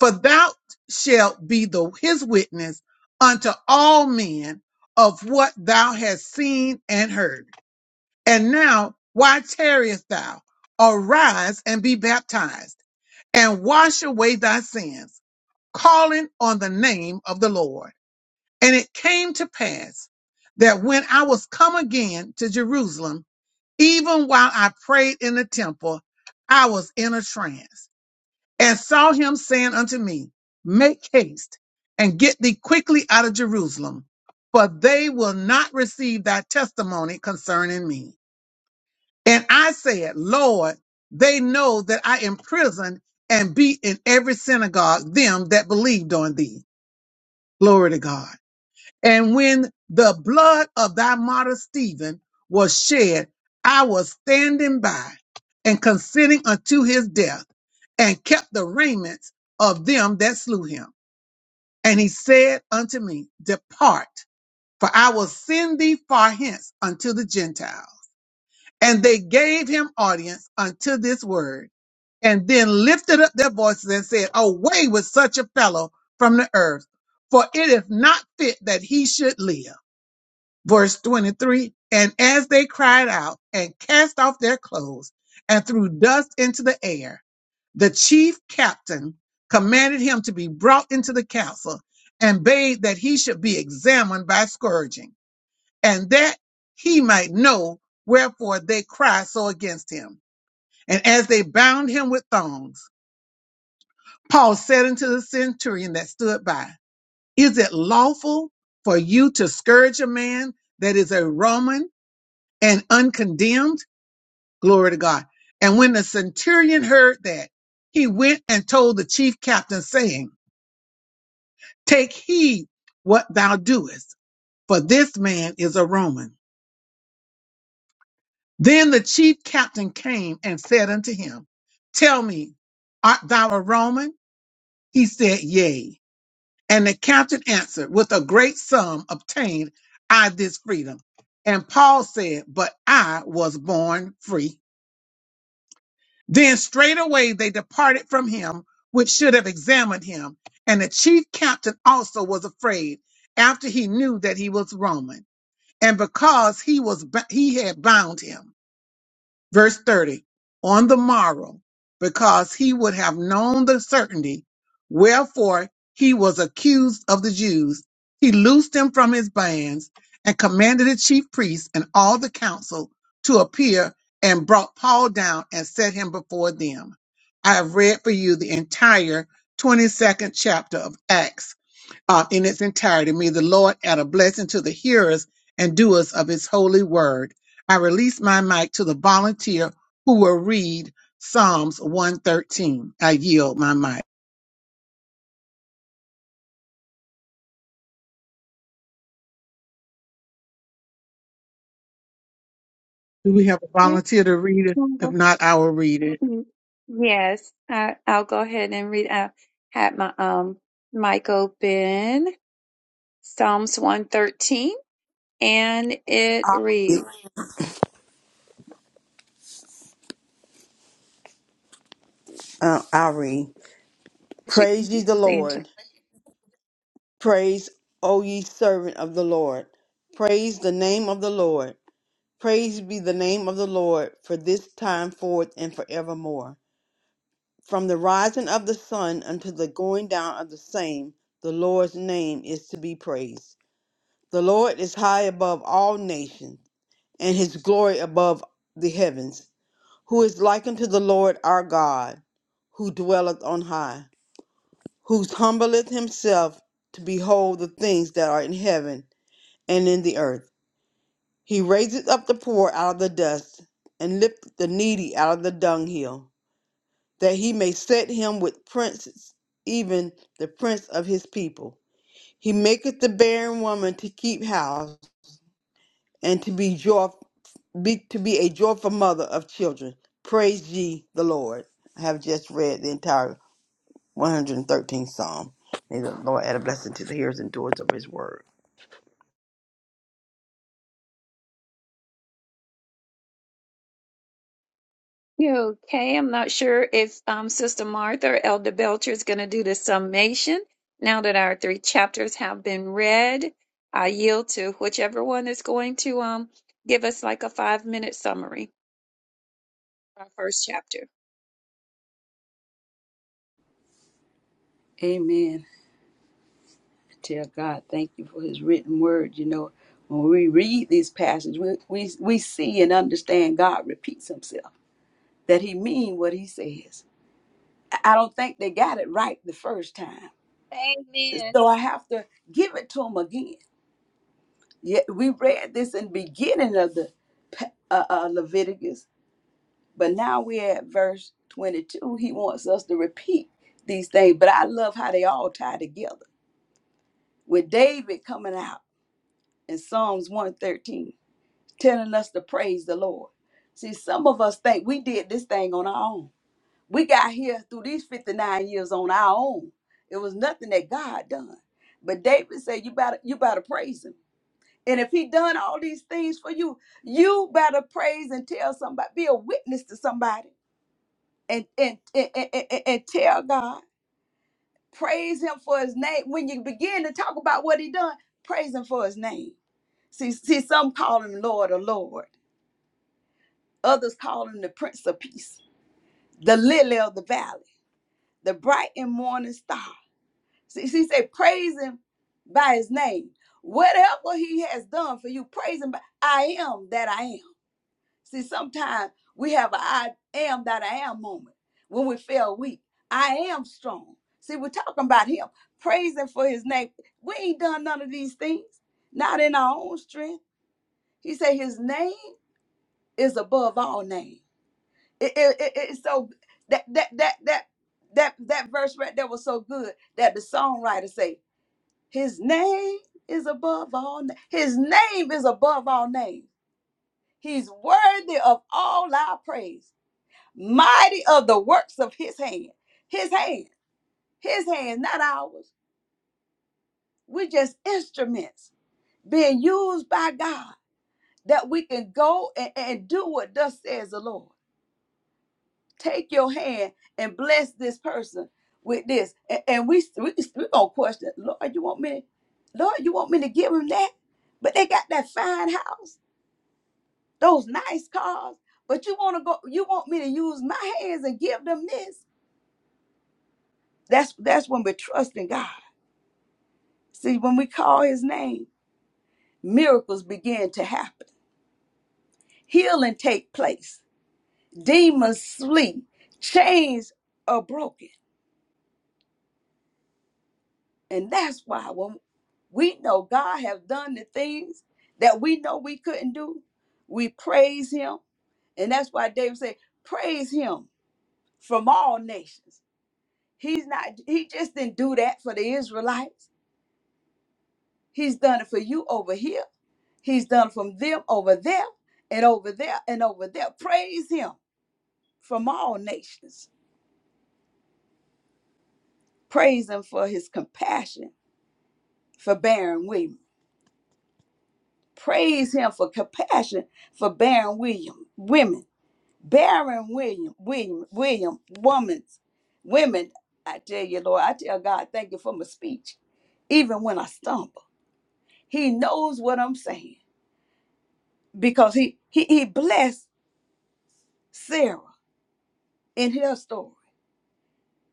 Speaker 1: For thou shalt be the his witness unto all men of what thou hast seen and heard. And now, why tarriest thou? Arise and be baptized, and wash away thy sins, calling on the name of the Lord. And it came to pass that when I was come again to Jerusalem, even while I prayed in the temple, I was in a trance, and saw him saying unto me, Make haste and get thee quickly out of Jerusalem, for they will not receive thy testimony concerning me. And I said, Lord, they know that I am prison and beat in every synagogue them that believed on thee. Glory to God. And when the blood of thy martyr Stephen was shed, I was standing by and consenting unto his death and kept the raiments of them that slew him. And he said unto me, Depart, for I will send thee far hence unto the Gentiles. And they gave him audience unto this word and then lifted up their voices and said, Away with such a fellow from the earth, for it is not fit that he should live. Verse 23 And as they cried out and cast off their clothes and threw dust into the air, the chief captain commanded him to be brought into the council and bade that he should be examined by scourging, and that he might know wherefore they cry so against him. And as they bound him with thongs, Paul said unto the centurion that stood by, Is it lawful for you to scourge a man that is a Roman and uncondemned? Glory to God. And when the centurion heard that, he went and told the chief captain, saying, Take heed what thou doest, for this man is a Roman. Then the chief captain came and said unto him, Tell me, art thou a Roman? He said, Yea. And the captain answered, With a great sum obtained I this freedom. And Paul said, But I was born free. Then straightway they departed from him, which should have examined him. And the chief captain also was afraid, after he knew that he was Roman, and because he was he had bound him. Verse 30 On the morrow, because he would have known the certainty, wherefore he was accused of the Jews, he loosed him from his bands and commanded the chief priests and all the council to appear and brought Paul down and set him before them. I have read for you the entire 22nd chapter of Acts uh, in its entirety. May the Lord add a blessing to the hearers and doers of his holy word. I release my mic to the volunteer who will read Psalms 113. I yield my mic. Do we have a volunteer to read it? If not, I will read it.
Speaker 2: Yes, I, I'll go ahead and read. I had my um mic open, Psalms 113, and it reads.
Speaker 5: It- Uh, I'll read.
Speaker 2: She
Speaker 5: Praise ye the
Speaker 2: confused Angel.
Speaker 5: Lord. Praise, O ye servant of the Lord. Praise the name of the Lord. Praise be the name of the Lord for this time forth and forevermore. From the rising of the sun unto the going down of the same, the Lord's name is to be praised. The Lord is high above all nations, and his glory above the heavens. Who is like unto the Lord our God, who dwelleth on high? who humbleth himself to behold the things that are in heaven and in the earth. He raiseth up the poor out of the dust, and lifteth the needy out of the dunghill, that he may set him with princes, even the prince of his people. He maketh the barren woman to keep house, and to be joy, be, to be a joyful mother of children. Praise ye the Lord. I have just read the entire 113th Psalm. May the Lord add a blessing to the hearers and doers of his word.
Speaker 2: You okay? I'm not sure if um, Sister Martha or Elder Belcher is going to do the summation. Now that our three chapters have been read, I yield to whichever one is going to um give us like a five minute summary. of Our first chapter.
Speaker 3: Amen. Dear God, thank you for his written word. You know, when we read these passages, we, we, we see and understand God repeats himself, that he mean what he says. I I don't think they got it right the first time.
Speaker 2: Amen.
Speaker 3: So I have to give it to him again. Yet we read this in the beginning of the pa- uh, uh, Leviticus But now we're at verse 22. He wants us to repeat these things, but I love how they all tie together. With David coming out in Psalms 113, telling us to praise the Lord. See, some of us think we did this thing on our own. We got here through these 59 years on our own. It was nothing that God done. But David said, You better, you better praise him. And if he done all these things for you, you better praise and tell somebody, be a witness to somebody and and, and, and, and- and tell God, praise him for his name. When you begin to talk about what he done, praise him for his name. See, see, some call him Lord or Lord. Others call him the Prince of Peace, the lily of the valley, the bright and morning star. See, she said, praise him by his name. Whatever he has done for you, praise him by I am that I am. See, sometimes we have a I am that I am moment when we feel weak. I am strong. See, we're talking about him, praising for his name. We ain't done none of these things, not in our own strength. He said his name is above all names." It, it, it, it's so that that that that that that verse right there was so good that the songwriter say, His name is above all name. His name is above all names. He's worthy of all our praise. mighty of the works of his hand. His hand, his hand, not ours. We're just instruments being used by God that we can go and, and do what thus says the Lord. Take your hand and bless this person with this. And, and we we we gonna question, Lord, you want me to, Lord, you want me to give him that? But they got that fine house, those nice cars. But you wanna go, you want me to use my hands and give them this? That's that's when we're trusting God See, when we call his name, miracles begin to happen. Healing take place. Demons flee. Chains are broken. And that's why when we know God has done the things that we know we couldn't do, we praise him. And that's why David said, praise him from all nations. He's not he just didn't do that for the Israelites. He's done it for you over here. He's done it from them over there and over there and over there. Praise him from all nations. Praise him for his compassion for barren women. Praise him for compassion for barren William women. Barren William William William women women. I tell you, Lord, I tell God, thank you for my speech, even when I stumble. He knows what I'm saying because he he he blessed Sarah in her story.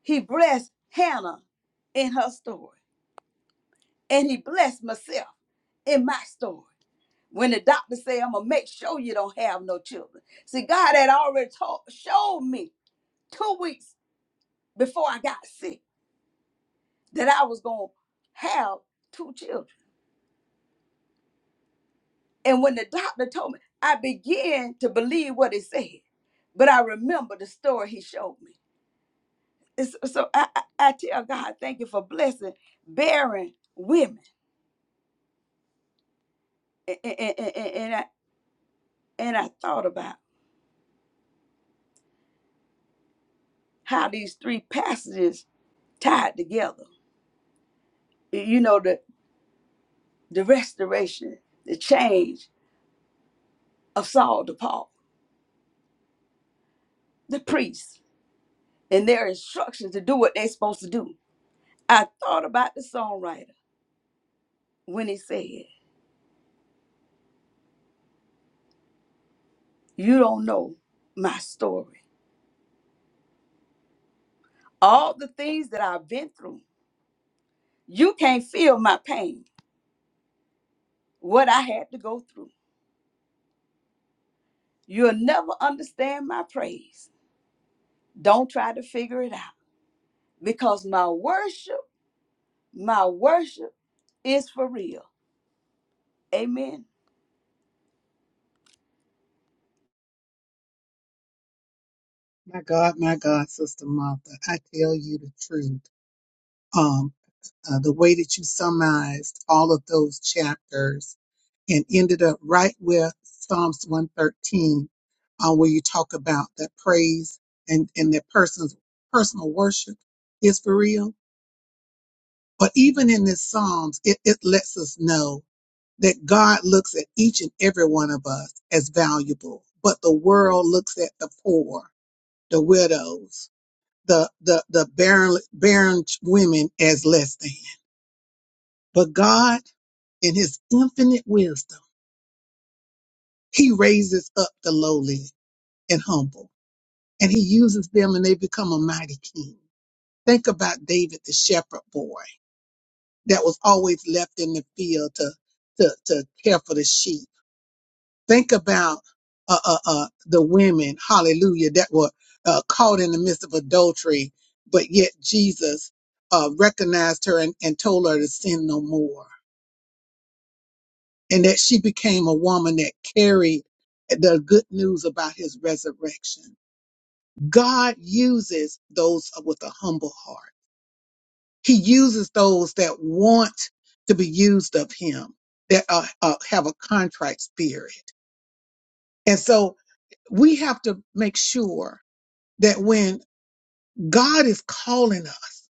Speaker 3: He blessed Hannah in her story. And he blessed myself in my story. When the doctor said, I'm gonna make sure you don't have no children. See, God had already told, showed me two weeks before I got sick that I was gonna have two children. And when the doctor told me, I began to believe what he said. But I remember the story he showed me. It's- so so, I, I, I tell God, thank you for blessing barren women. And, and, and, and, I, and I thought about how these three passages tied together. You know, the, the restoration, the change of Saul to Paul, the priests, and their instructions to do what they're supposed to do. I thought about the songwriter when he said, You don't know my story. All the things that I've been through, you can't feel my pain, what I had to go through. You'll never understand my praise. Don't try to figure it out because my worship, my worship is for real. Amen.
Speaker 1: My God, my God, Sister Martha, I tell you the truth. um, uh, the way that you summarized all of those chapters and ended up right with Psalms 113, uh, where you talk about that praise and, and that person's personal worship is for real. But even in this Psalms, it, it lets us know that God looks at each and every one of us as valuable, but the world looks at the poor, the widows, the, the, the barren, barren women as less than But God, in his infinite wisdom, he raises up the lowly and humble, and he uses them and they become a mighty king. Think about David, the shepherd boy that was always left in the field to, to, to care for the sheep. Think about uh, uh, uh, the women, hallelujah, that were uh, caught in the midst of adultery, but yet Jesus uh, recognized her and, and told her to sin no more and that she became a woman that carried the good news about his resurrection. God uses those with a humble heart. He uses those that want to be used of him, that uh, uh, have a contract spirit. And so we have to make sure that when God is calling us,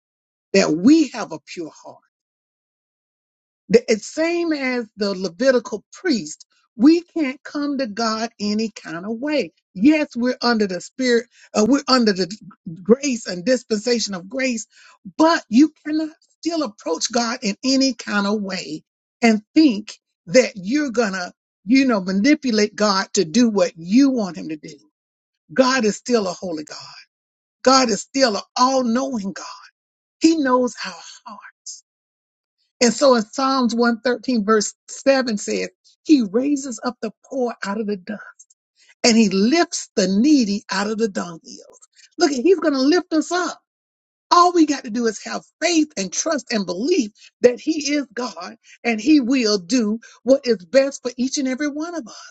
Speaker 1: that we have a pure heart The it's same as the Levitical priest, we can't come to God any kind of way. Yes, we're under the spirit, uh, we're under the grace and dispensation of grace, but you cannot still approach God in any kind of way and think that you're gonna, you know, manipulate God to do what you want him to do. God is still a holy God. God is still an all-knowing God. He knows our heart. And so as Psalms 113 verse 7 says, he raises up the poor out of the dust and he lifts the needy out of the dunghills. Look, he's going to lift us up. All we got to do is have faith and trust and belief that he is God and he will do what is best for each and every one of us.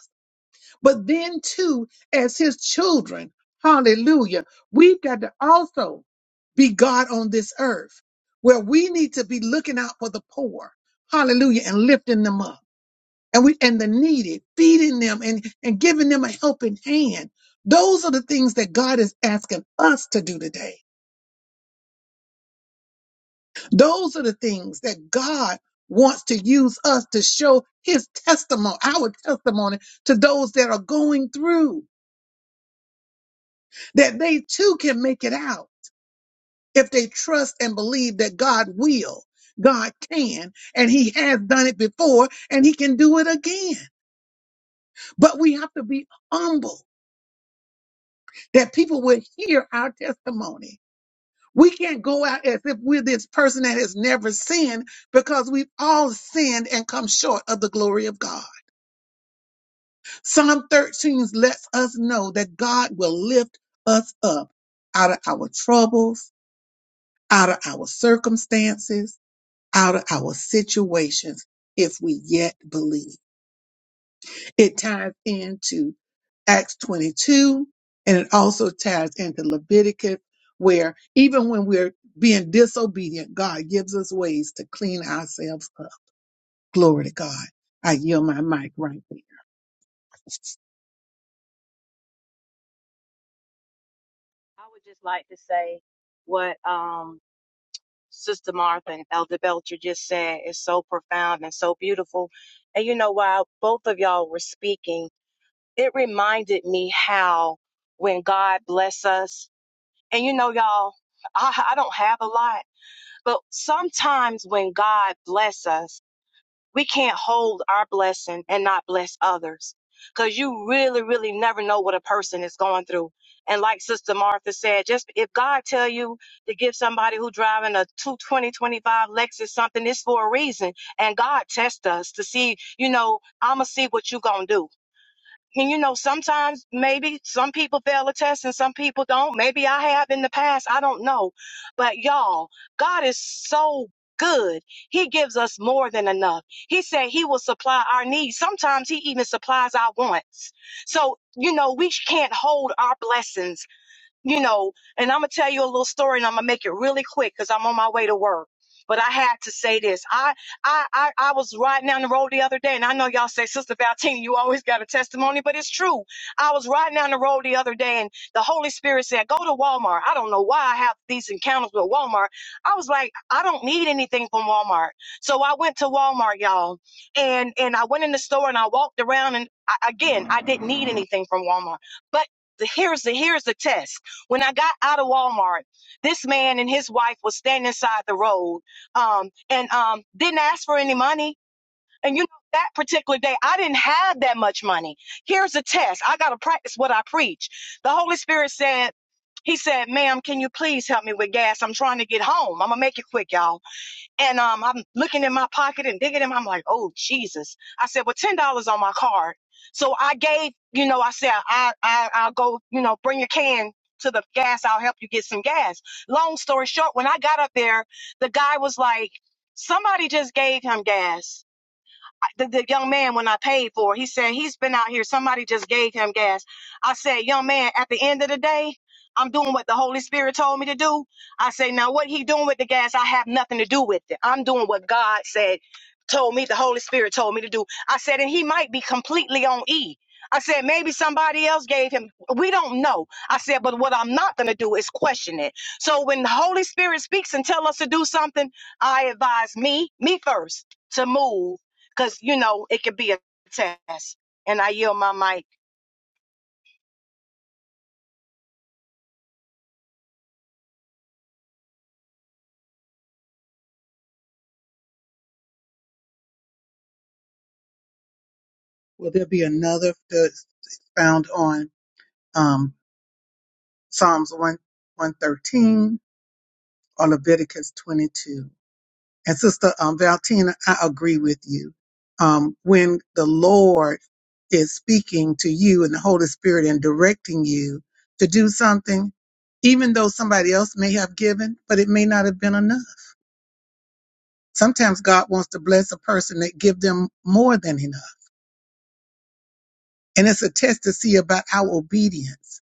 Speaker 1: But then, too, as his children, hallelujah, we've got to also be God on this earth where we need to be looking out for the poor, hallelujah, and lifting them up. And we and the needy, feeding them and, and giving them a helping hand. Those are the things that God is asking us to do today. Those are the things that God wants to use us to show his testimony, our testimony to those that are going through. that they too can make it out if they trust and believe that God will, God can, and He has done it before and He can do it again. But we have to be humble that people will hear our testimony. We can't go out as if we're this person that has never sinned because we've all sinned and come short of the glory of God. Psalm 13 lets us know that God will lift us up out of our troubles, out of our circumstances out of our situations if we yet believe. It ties into Acts 22, and it also ties into Leviticus, where even when we're being disobedient, God gives us ways to clean ourselves up. Glory to God. I yield my mic right there.
Speaker 4: I would just like to say what um, Sister Martha and Elder Belcher just said is so profound and so beautiful. And you know, while both of y'all were speaking, it reminded me how when God bless us, and you know, y'all, I, I don't have a lot, but sometimes when God bless us. we can't hold our blessing and not bless others because you really really never know what a person is going through and like sister martha said just if god tell you to give somebody who driving a two twenty twenty five lexus something it's for a reason and god tests us to see you know i'ma see what you gonna do and you know, sometimes maybe some people fail a test and some people don't. Maybe I have in the past. I don't know. But y'all, God is so good. He gives us more than enough. He said he will supply our needs. Sometimes he even supplies our wants. So, you know, we can't hold our blessings you know, and I'm gonna tell you a little story and I'm gonna make it really quick because I'm on my way to work. But I had to say this. I, I I I was riding down the road the other day, and I know y'all say, Sister Valtina, you always got a testimony, but it's true. I was riding down the road the other day, and the Holy Spirit said, Go to Walmart. I don't know why I have these encounters with Walmart. I was like, I don't need anything from Walmart. So I went to Walmart, y'all, and and I went in the store and I walked around and I, again, I didn't need anything from Walmart. But the, here's the here's the test. When I got out of Walmart, this man and his wife was standing side the road um, and um, didn't ask for any money. And you know, that particular day, I didn't have that much money. Here's a test. I got to practice what I preach. The Holy Spirit said, He said, ma'am, can you please help me with gas? I'm trying to get home. I'm going to make it quick, y'all. And um, I'm looking in my pocket and digging in. I'm like, oh Jesus! I said, well, ten dollars on my card. So I gave, you know, I said, I, I, I'll go, you know, bring your can to the gas. I'll help you get some gas. Long story short, when I got up there, the guy was like, somebody just gave him gas the, the young man when I paid for it. He said he's been out here. Somebody just gave him gas. I said, young man, at the end of the day, I'm doing what the Holy Spirit told me to do. I say, now what he doing with the gas, I have nothing to do with it. I'm doing what God said, told me, the Holy Spirit told me to do. I said, and he might be completely on E. I said, maybe somebody else gave him. We don't know. I said, but what I'm not going to do is question it. So when the Holy Spirit speaks and tell us to do something, I advise me, me first, to move because you know it could be a test. And I yield my mic.
Speaker 1: Will there be another that's found on um, Psalms 1, 113 or Leviticus 22? And Sister um, Valentina, I agree with you. Um, when the Lord is speaking to you and the Holy Spirit and directing you to do something, even though somebody else may have given, but it may not have been enough. Sometimes God wants to bless a person that give them more than enough. And it's a test to see about our obedience.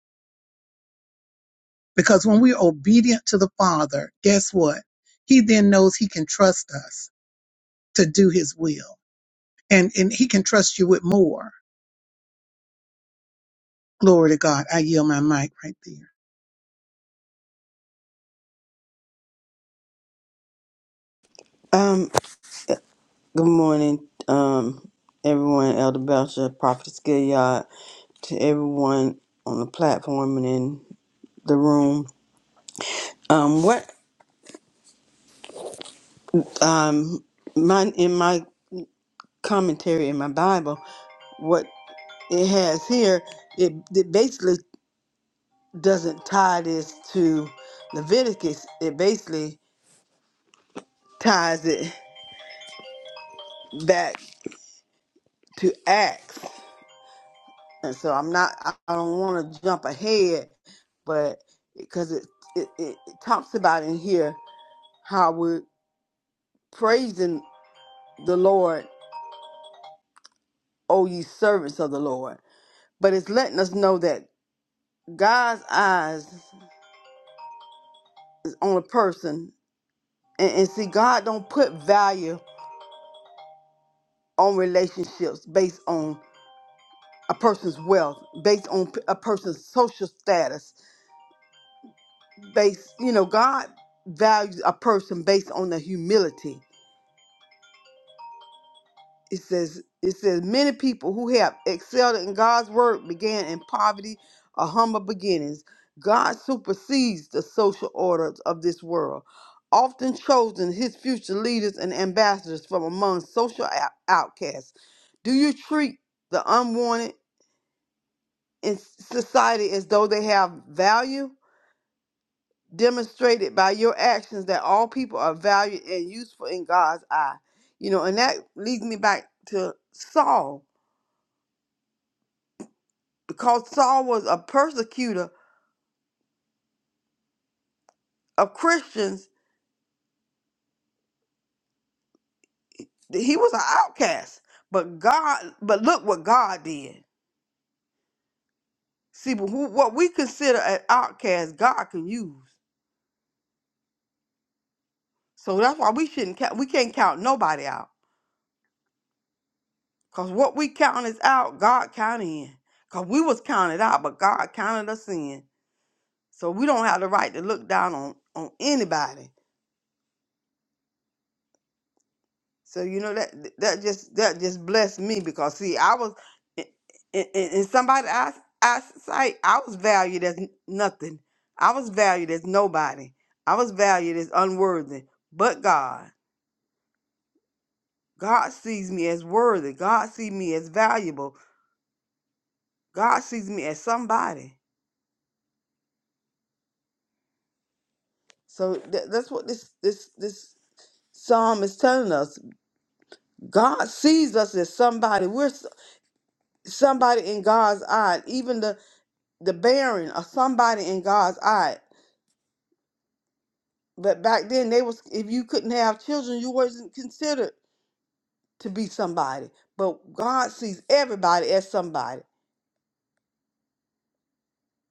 Speaker 1: Because when we're obedient to the Father, guess what? He then knows he can trust us to do his will. And, and he can trust you with more. Glory to God. I yield my mic right there.
Speaker 5: Um, good morning, um, everyone, Elder Belcher, Prophetess Gilead, to everyone on the platform and in the room. Um, what, um, my, in my commentary in my Bible, what it has here, it, it basically doesn't tie this to Leviticus. It basically ties it back to Acts. And so I'm not, I I don't want to jump ahead, but because it, it, it, it talks about in here how we're praising the Lord, O ye servants of the Lord. But it's letting us know that God's eyes is on a person. And, and see, God don't put value on relationships based on a person's wealth, based on p- a person's social status, based, you know, God values a person based on their humility it says it says many people who have excelled in God's word began in poverty or humble beginnings. God supersedes the social order of this world, often chosen his future leaders and ambassadors from among social out- outcasts. Do you treat the unwanted in society as though they have value? Demonstrated by your actions that all people are valued and useful in God's eye. You know, and that leads me back to Saul because Saul was a persecutor of Christians, th- he was an outcast. But God, but look what God did. See, but who, what we consider an outcast, God can use. So that's why we shouldn't count. We can't count nobody out, cause what we count is out, God counted in. Cause we was counted out, but God counted us in. So we don't have the right to look down on on anybody So you know that that just that just blessed me because see I was in, in, in somebody eyes eyesight I was valued as n- nothing. I was valued as nobody. I was valued as unworthy. But God, God sees me as worthy. God sees me as valuable. God sees me as somebody. So tha- that's what this this this psalm is telling us. God sees us as somebody. We're s- somebody in God's eye. Even the the barren or somebody in God's eye. But back then they was if you couldn't have children, you wasn't considered to be somebody. But God sees everybody as somebody.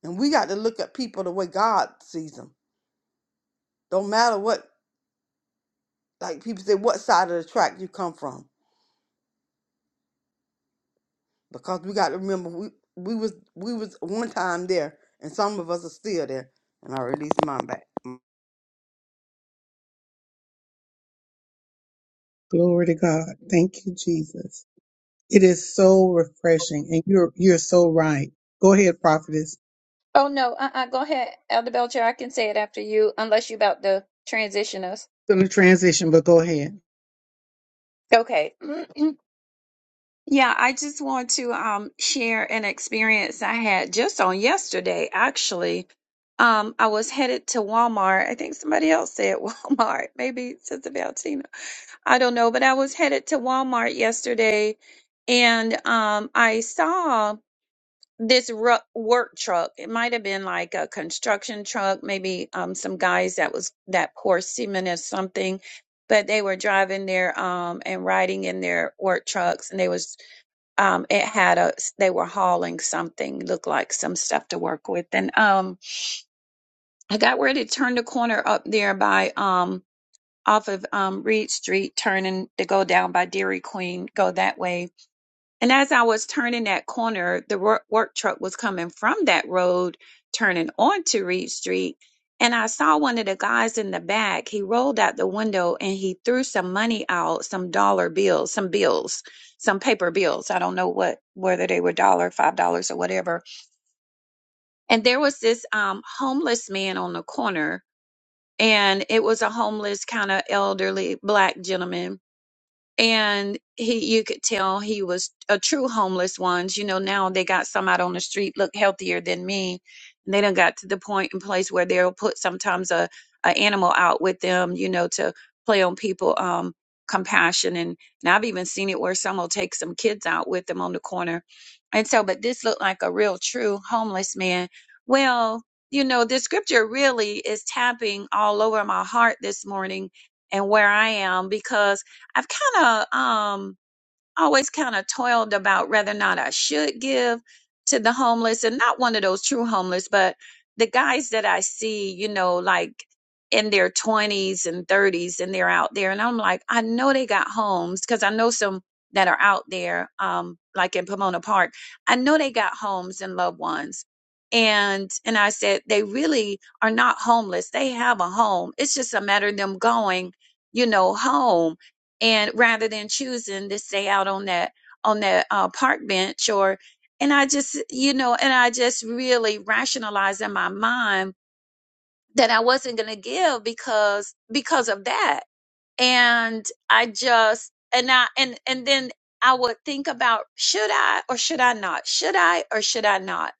Speaker 5: And we got to look at people the way God sees them. Don't matter what like people say what side of the track you come from. Because we got to remember we we was we was one time there and some of us are still there. And I released mine back.
Speaker 1: Glory to God. Thank you, Jesus. It is so refreshing, and you're you're so right. Go ahead, prophetess. It's
Speaker 2: Oh no, uh-uh, go ahead, Elder Belcher. I can say it after you, unless you about to transition us.
Speaker 1: in a transition, but go ahead.
Speaker 2: Okay. Yeah, I just want to um, share an experience I had just on yesterday, actually. Um, I was headed to Walmart. I think somebody else said Walmart, maybe Sister Valtina. I don't know, but I was headed to Walmart yesterday and um, I saw this ru work truck. It might have been like a construction truck, maybe um, some guys that was that pour cement or something, but they were driving their um, and riding in their work trucks and they was um it had a they were hauling something looked like some stuff to work with and um i got ready to turn the corner up there by um off of um reed street turning to go down by dairy queen go that way and as I was turning that corner, the wor- work truck was coming from that road, turning onto Reed Street. And I saw one of the guys in the back. He rolled out the window and he threw some money out, some dollar bills, some bills, some paper bills. I don't know what, whether they were dollar, five dollars, or whatever. And there was this um, homeless man on the corner, and it was a homeless kind of elderly black gentleman and he you could tell he was a true homeless ones you know now they got some out on the street look healthier than me and they done got to the point and place where they'll put sometimes a, a animal out with them you know to play on people um compassion and, and i've even seen it where some will take some kids out with them on the corner and so but this looked like a real true homeless man well you know this scripture really is tapping all over my heart this morning and where i am because I've kind of um always kind of toiled about whether or not I should give to the homeless and not one of those true homeless, but the guys that I see, you know, like in their 20s and 30s and they're out there and I'm like, I know they got homes because I know some that are out there um like in Pomona Park. I know they got homes and loved ones. And and I said they really are not homeless. They have a home. It's just a matter of them going, you know, home and rather than choosing to stay out on that on that uh, park bench or and i just you know and i just really rationalized in my mind that i wasn't going to give because because of that and i just and i and and then i would think about should i or should i not should i or should i not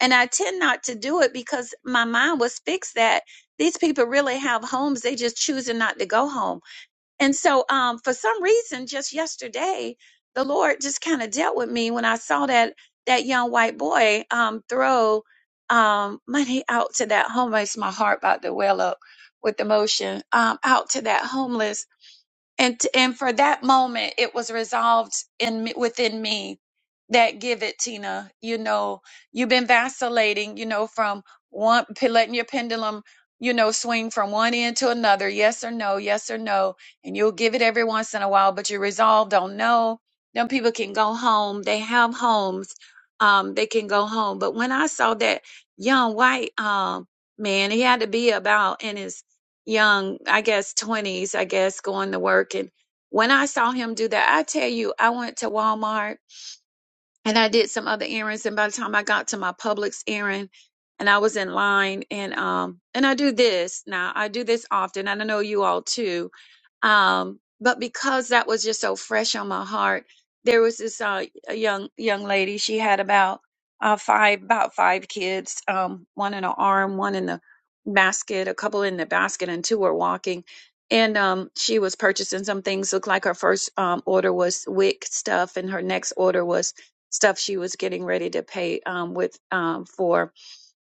Speaker 2: and i tend not to do it because my mind was fixed that these people really have homes they just choosing not to go home and so, um, for some reason, just yesterday, the Lord just kind of dealt with me when I saw that that young white boy um, throw um, money out to that homeless. My heart about to well up with emotion. Um, out to that homeless and and for that moment it was resolved in me, within me that give it tina you know you've been vacillating you know from one p- letting your pendulum you know swing from one end to another yes or no yes or no and you'll give it every once in a while but you are resolved on no Them people can go home they have homes um they can go home but when i saw that young white um man he had to be about in his young, I guess 20s, I guess going to work and when I saw him do that, I tell you, I went to Walmart and I did some other errands. And by the time I got to my Publix errand, and I was in line, and um, and I do this now. I do this often, and I know you all too. Um, but because that was just so fresh on my heart, there was this uh a young young lady. She had about uh five about five kids, um, one in her arm, one in the basket, a couple in the basket, and two were walking. And um, she was purchasing some things. Looked like her first um, order was wick stuff, and her next order was stuff she was getting ready to pay um, with um, for.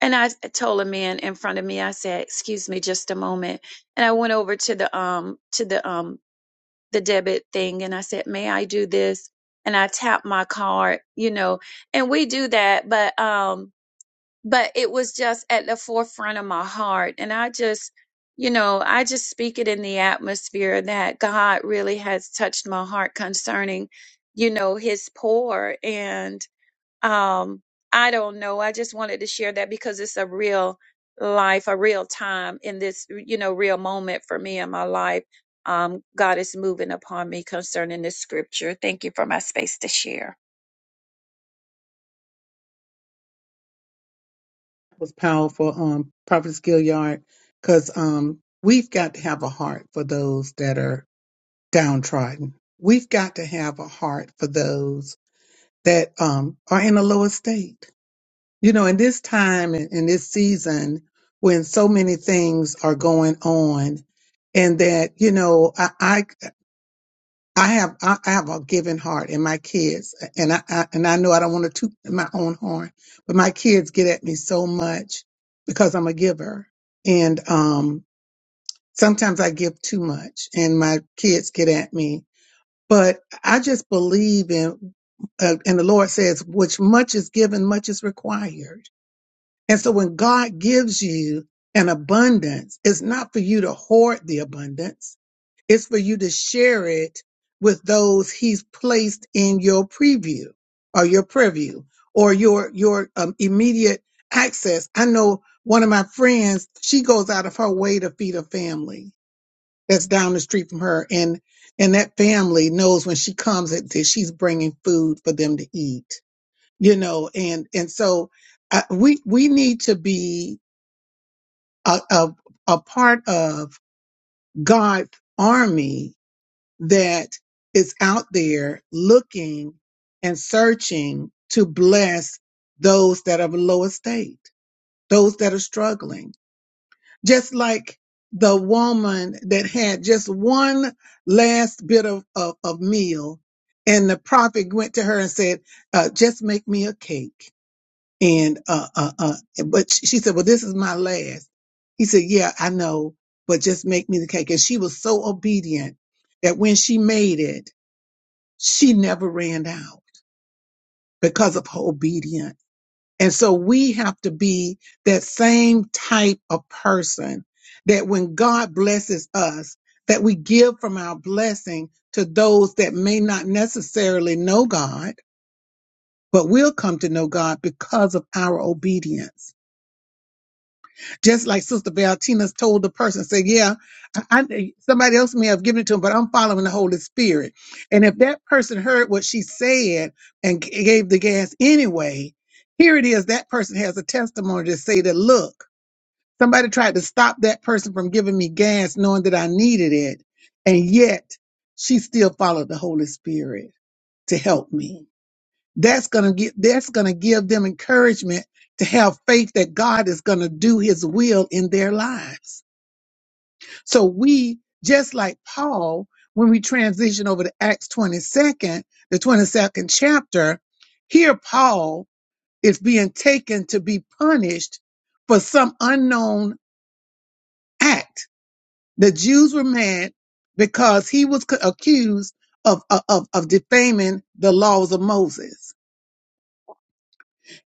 Speaker 2: And I told a man in front of me, I said, "Excuse me, just a moment." And I went over to the um to the um the debit thing, and I said, "May I do this?" And I tapped my card, you know, and we do that, but um, but it was just at the forefront of my heart, and I just. You know, I just speak it in the atmosphere that God really has touched my heart concerning, you know, his poor. And um i don't know i just wanted to share that because it's a real life a real time in this you know real moment for me in my life um god is moving upon me concerning this scripture thank you for my space to share
Speaker 1: was powerful, um, prophetess Gilliard, because um, we've got to have a heart for those that are downtrodden. We've got to have a heart for those that um, are in a lower state. You know, in this time and in this season when so many things are going on, and that you know, I I, I have I, I have a giving heart, and my kids, and I, I and I know I don't want to toot my own horn, but my kids get at me so much because I'm a giver, and um, sometimes I give too much, and my kids get at me but I just believe in, uh, and the Lord says, which much is given, much is required. And so when God gives you an abundance, it's not for you to hoard the abundance. It's for you to share it with those he's placed in your preview or your preview or your, your um, immediate access. I know one of my friends, she goes out of her way to feed her family that's down the street from her and and that family knows when she comes that, that she's bringing food for them to eat you know and and so uh, we we need to be a, a a part of God's army that is out there looking and searching to bless those that are below estate those that are struggling just like the woman that had just one last bit of, of, of meal. And the prophet went to her and said, uh, just make me a cake. And, uh, uh, uh, but she she said, well, this is my last. He said, yeah, I know, but just make me the cake. And she was so obedient that when she made it, she never ran out because of her obedience and so we have to be that same type of person that when God blesses us, that we give from our blessing to those that may not necessarily know God, but will come to know God because of our obedience just like Sister Valtina's told the person, said, "Yeah, I, I, somebody else may have given it to him, but I'm following the Holy Spirit." And if that person heard what she said and g- gave the gas anyway, here it is. That person has a testimony to say that, "Look, somebody tried to stop that person from giving me gas, knowing that I needed it, and yet she still followed the Holy Spirit to help me." that's going to get that's going to give them encouragement to have faith that God is going to do his will in their lives. So we just like Paul when we transition over to Acts 22nd, the 22nd chapter, here Paul is being taken to be punished for some unknown act. The Jews were mad because he was co- accused of, of, of defaming the laws of Moses.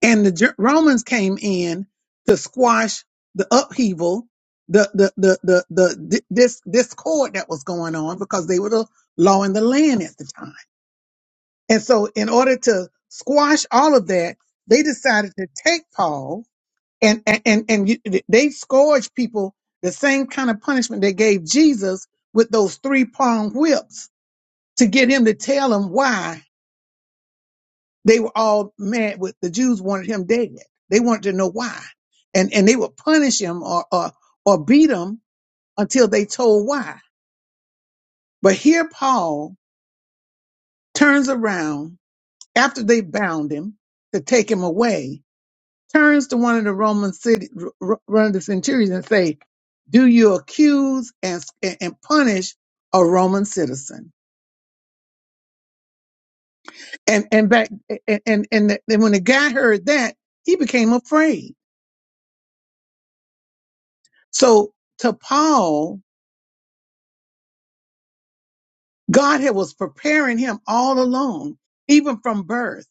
Speaker 1: and the Ger- Romans came in to squash the upheaval, the the the the, the, di- this discord that was going on because they were the law in the land at the time. And so, in order to squash all of that, they decided to take Paul and and and, and you, they scourged people the same kind of punishment they gave Jesus with those three prong whips to get him to tell them why They were all mad with the Jews wanted him dead. They wanted to know why. And and they would punish him or or, or beat him until they told why. But here Paul turns around after they bound him to take him away, turns to one of the Roman city r- one of the centurions and say, Do you accuse and and punish a Roman citizen? and and back and and and, and when the guy heard that he became afraid so to paul God had was preparing him all along, even from birth,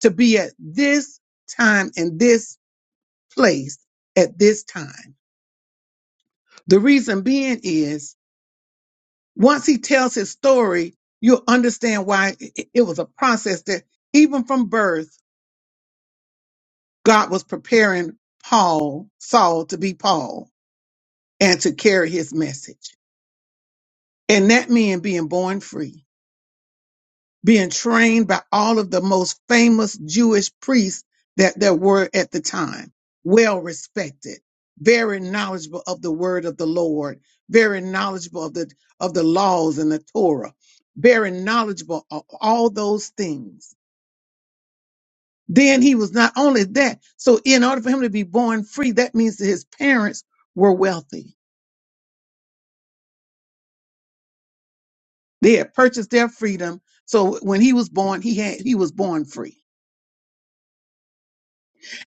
Speaker 1: to be at this time in this place at this time. The reason being is once he tells his story, you'll understand why i- it was a process that even from birth, God was preparing Paul, Saul, to be Paul and to carry his message. And that man being born free. being trained by all of the most famous Jewish priests that there were at the time, well respected, very knowledgeable of the word of the Lord, very knowledgeable of the of the laws and the Torah, very knowledgeable of all those things. Then he was not only that, so in order for him to be born free, that means that his parents were wealthy. They had purchased their freedom. So when he was born, he had he was born free.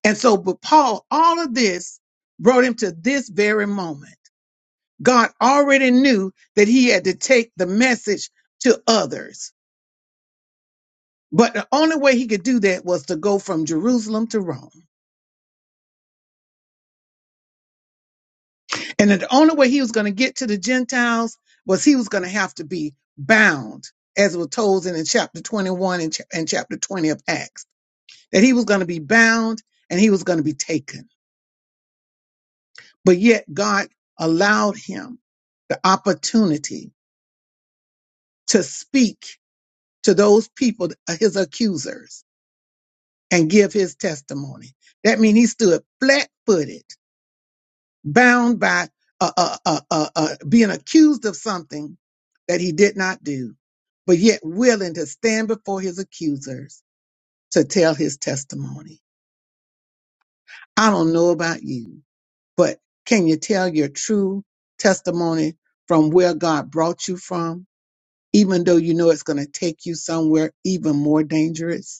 Speaker 1: And so, but Paul, all of this brought him to this very moment. God already knew that he had to take the message to others. But the only way he could do that was to go from Jerusalem to Rome. And the only way he was going to get to the Gentiles was he was going to have to be bound, as was told in chapter 21 and, cha- and chapter 20 of Acts, that he was going to be bound and he was going to be taken. But yet God allowed him the opportunity to speak to those people, uh, his accusers, and give his testimony. That means he stood flat footed, bound by uh, uh, uh, uh, uh, being accused of something that he did not do, but yet willing to stand before his accusers to tell his testimony. I don't know about you, but can you tell your true testimony from where God brought you from, even though you know it's going to take you somewhere even more dangerous?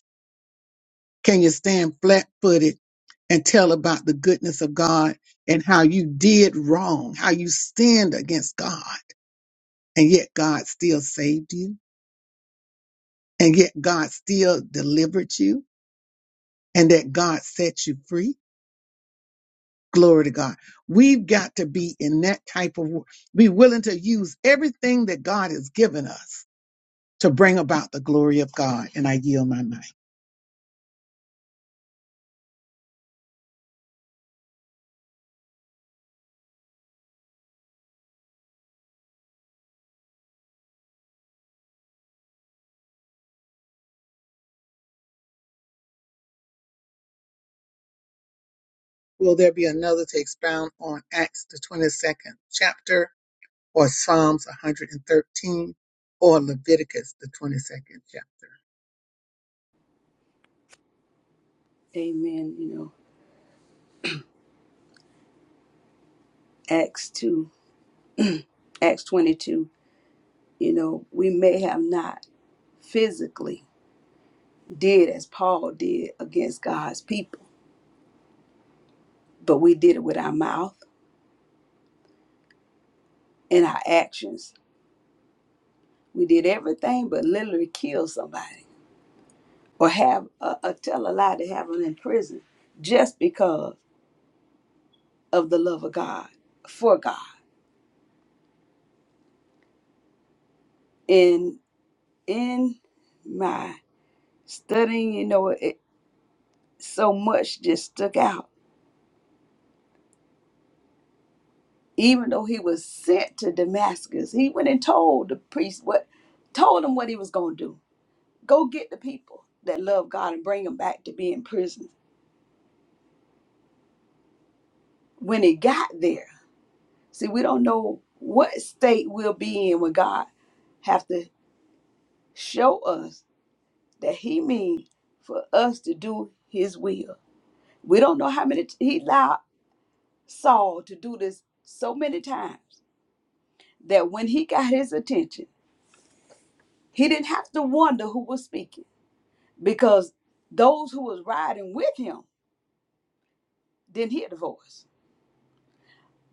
Speaker 1: Can you stand flat footed and tell about the goodness of God and how you did wrong, how you sinned against God, and yet God still saved you, and yet God still delivered you, and that God set you free? Glory to God. We've got to be in that type of, be willing to use everything that God has given us to bring about the glory of God. And I yield my mind. Will there be another to expound on Acts, the 22nd chapter? or Psalms 113 or Leviticus, the 22nd chapter.
Speaker 3: Amen. You know, Acts 2, Acts 22, you know, we may have not physically did as Paul did against God's people, but we did it with our mouth and our actions. We did everything but literally kill somebody or have a, a tell a lie to have them in prison just because of the love of God for God. And in my studying, you know, it so much just stuck out even though he was sent to Damascus, he went and told the priest what, told him what he was going to do. Go get the people that love God and bring them back to be in prison. When he got there, see, we don't know what state we'll be in when God have to show us that he means for us to do his will. We don't know how many t- he allowed Saul to do this so many times that when he got his attention, he didn't have to wonder who was speaking because those who was riding with him didn't hear the voice.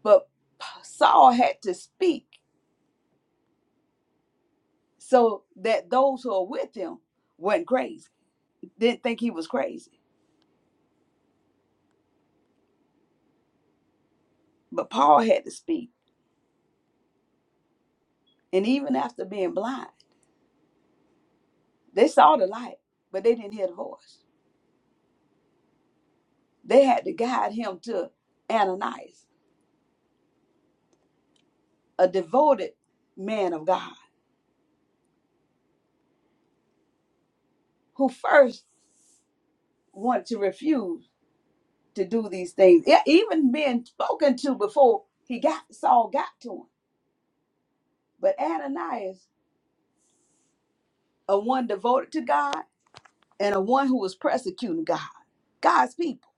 Speaker 3: But Saul had to speak so that those who are with him weren't crazy, didn't think he was crazy. But Paul had to speak. And even after being blind, they saw the light, but they didn't hear the voice. They had to guide him to Ananias, a devoted man of God, who first wanted to refuse to do these things, e- even being spoken to before he got Saul got to him But Ananias, a one devoted to God and a one who was persecuting God, God's people.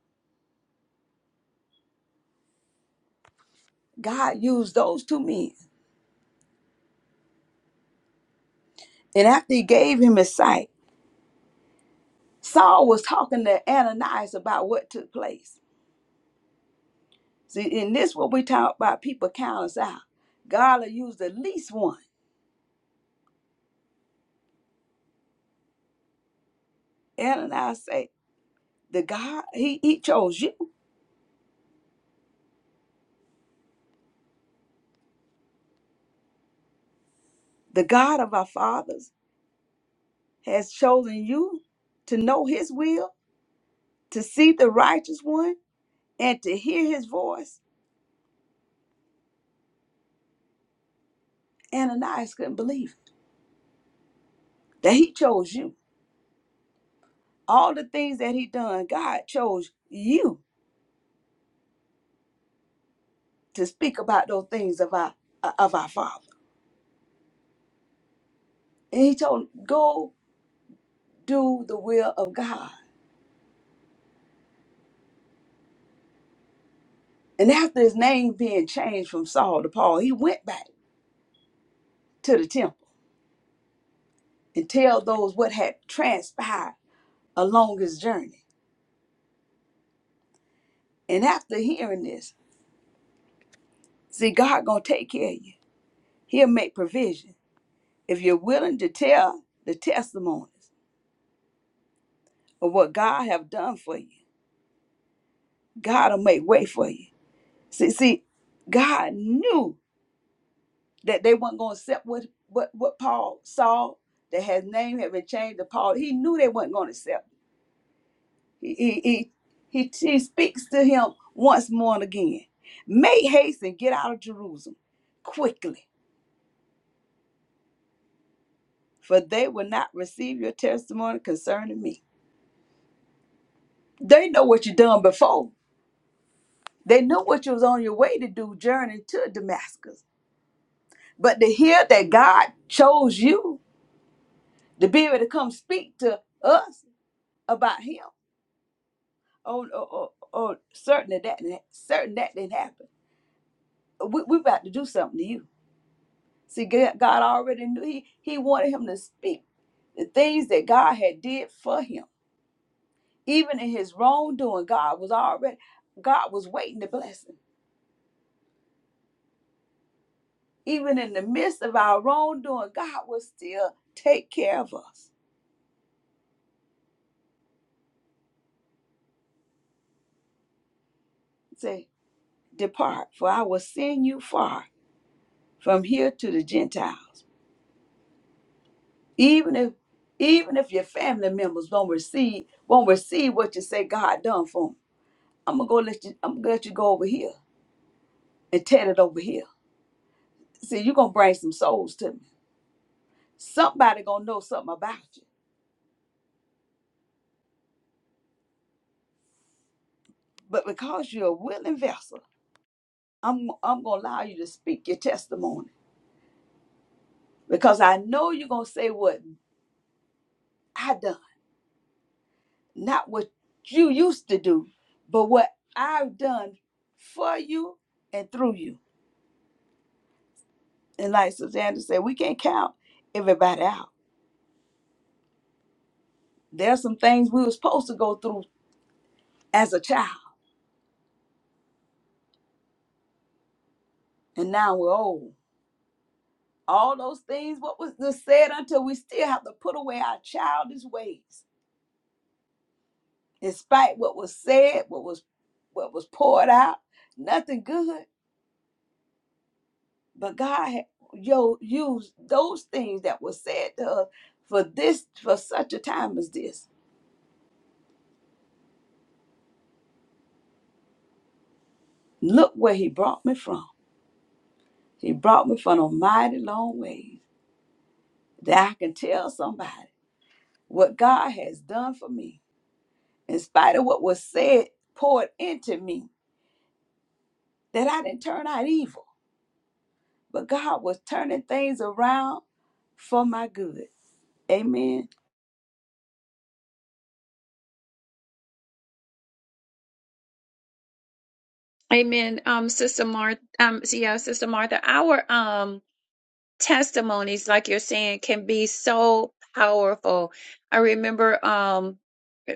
Speaker 3: God used those two men. And after he gave him his sight, Saul was talking to Ananias about what took place. See, in this what we talk about, people count us out. God will use the least one. Ananias say, the God, he, he chose you. The God of our fathers has chosen you to know his will, to see the righteous one, and to hear his voice Ananias couldn't believe it, that he chose you. All the things that he done, God chose you to speak about those things of our uh, of our Father. And he told him, go do the will of God. And after his name being changed from Saul to Paul, he went back to the temple and tell those what had transpired along his journey. And after hearing this, see, God gonna take care of you. He'll make provision if you're willing to tell the testimonies of what God have done for you. God will make way for you. See, see, God knew that they weren't going to accept what, what, what Paul saw, that his name had been changed to Paul. He knew they weren't going to accept. He, he, he, he, he speaks to him once more and again. Make haste and get out of Jerusalem quickly, for they will not receive your testimony concerning me. They know what you done before. They know what you was on your way to do, journey to Damascus. But to hear that God chose you to be able to come speak to us about him on or, or, or certain that that certain that didn't happen. We we about to do something to you. See, G- God already knew he he wanted him to speak the things that God had did for him. Even in his wrongdoing, God was already God was waiting to bless him. Even in the midst of our wrongdoing, God will still take care of us. Say, depart, for I will send you far from here to the Gentiles. even if even if your family members won't receive won't receive what you say God done for them. I'm gonna go let you. I'm gonna let you go over here and tell it over here. See, you're gonna bring some souls to me. Somebody gonna know something about you. But because you're a willing vessel, I'm I'm gonna allow you to speak your testimony because I know you're gonna say what I done, not what you used to do, but what I've done for you and through you. And like Susanna said, we can't count everybody out. There's some things we were supposed to go through as a child, and now we're old. All those things, what was just said until we still have to put away our childish ways. In spite what was said, what was what was poured out, nothing good. But God had yo used those things that were said to us for this for such a time as this. Look where he brought me from. He brought me from a mighty long ways. that I can tell somebody what God has done for me, in spite of what was said, poured into me, that I didn't turn out evil, but God was turning things around for my good. Amen.
Speaker 2: amen um sister martha um yeah sister martha our um testimonies like you're saying can be so powerful i remember um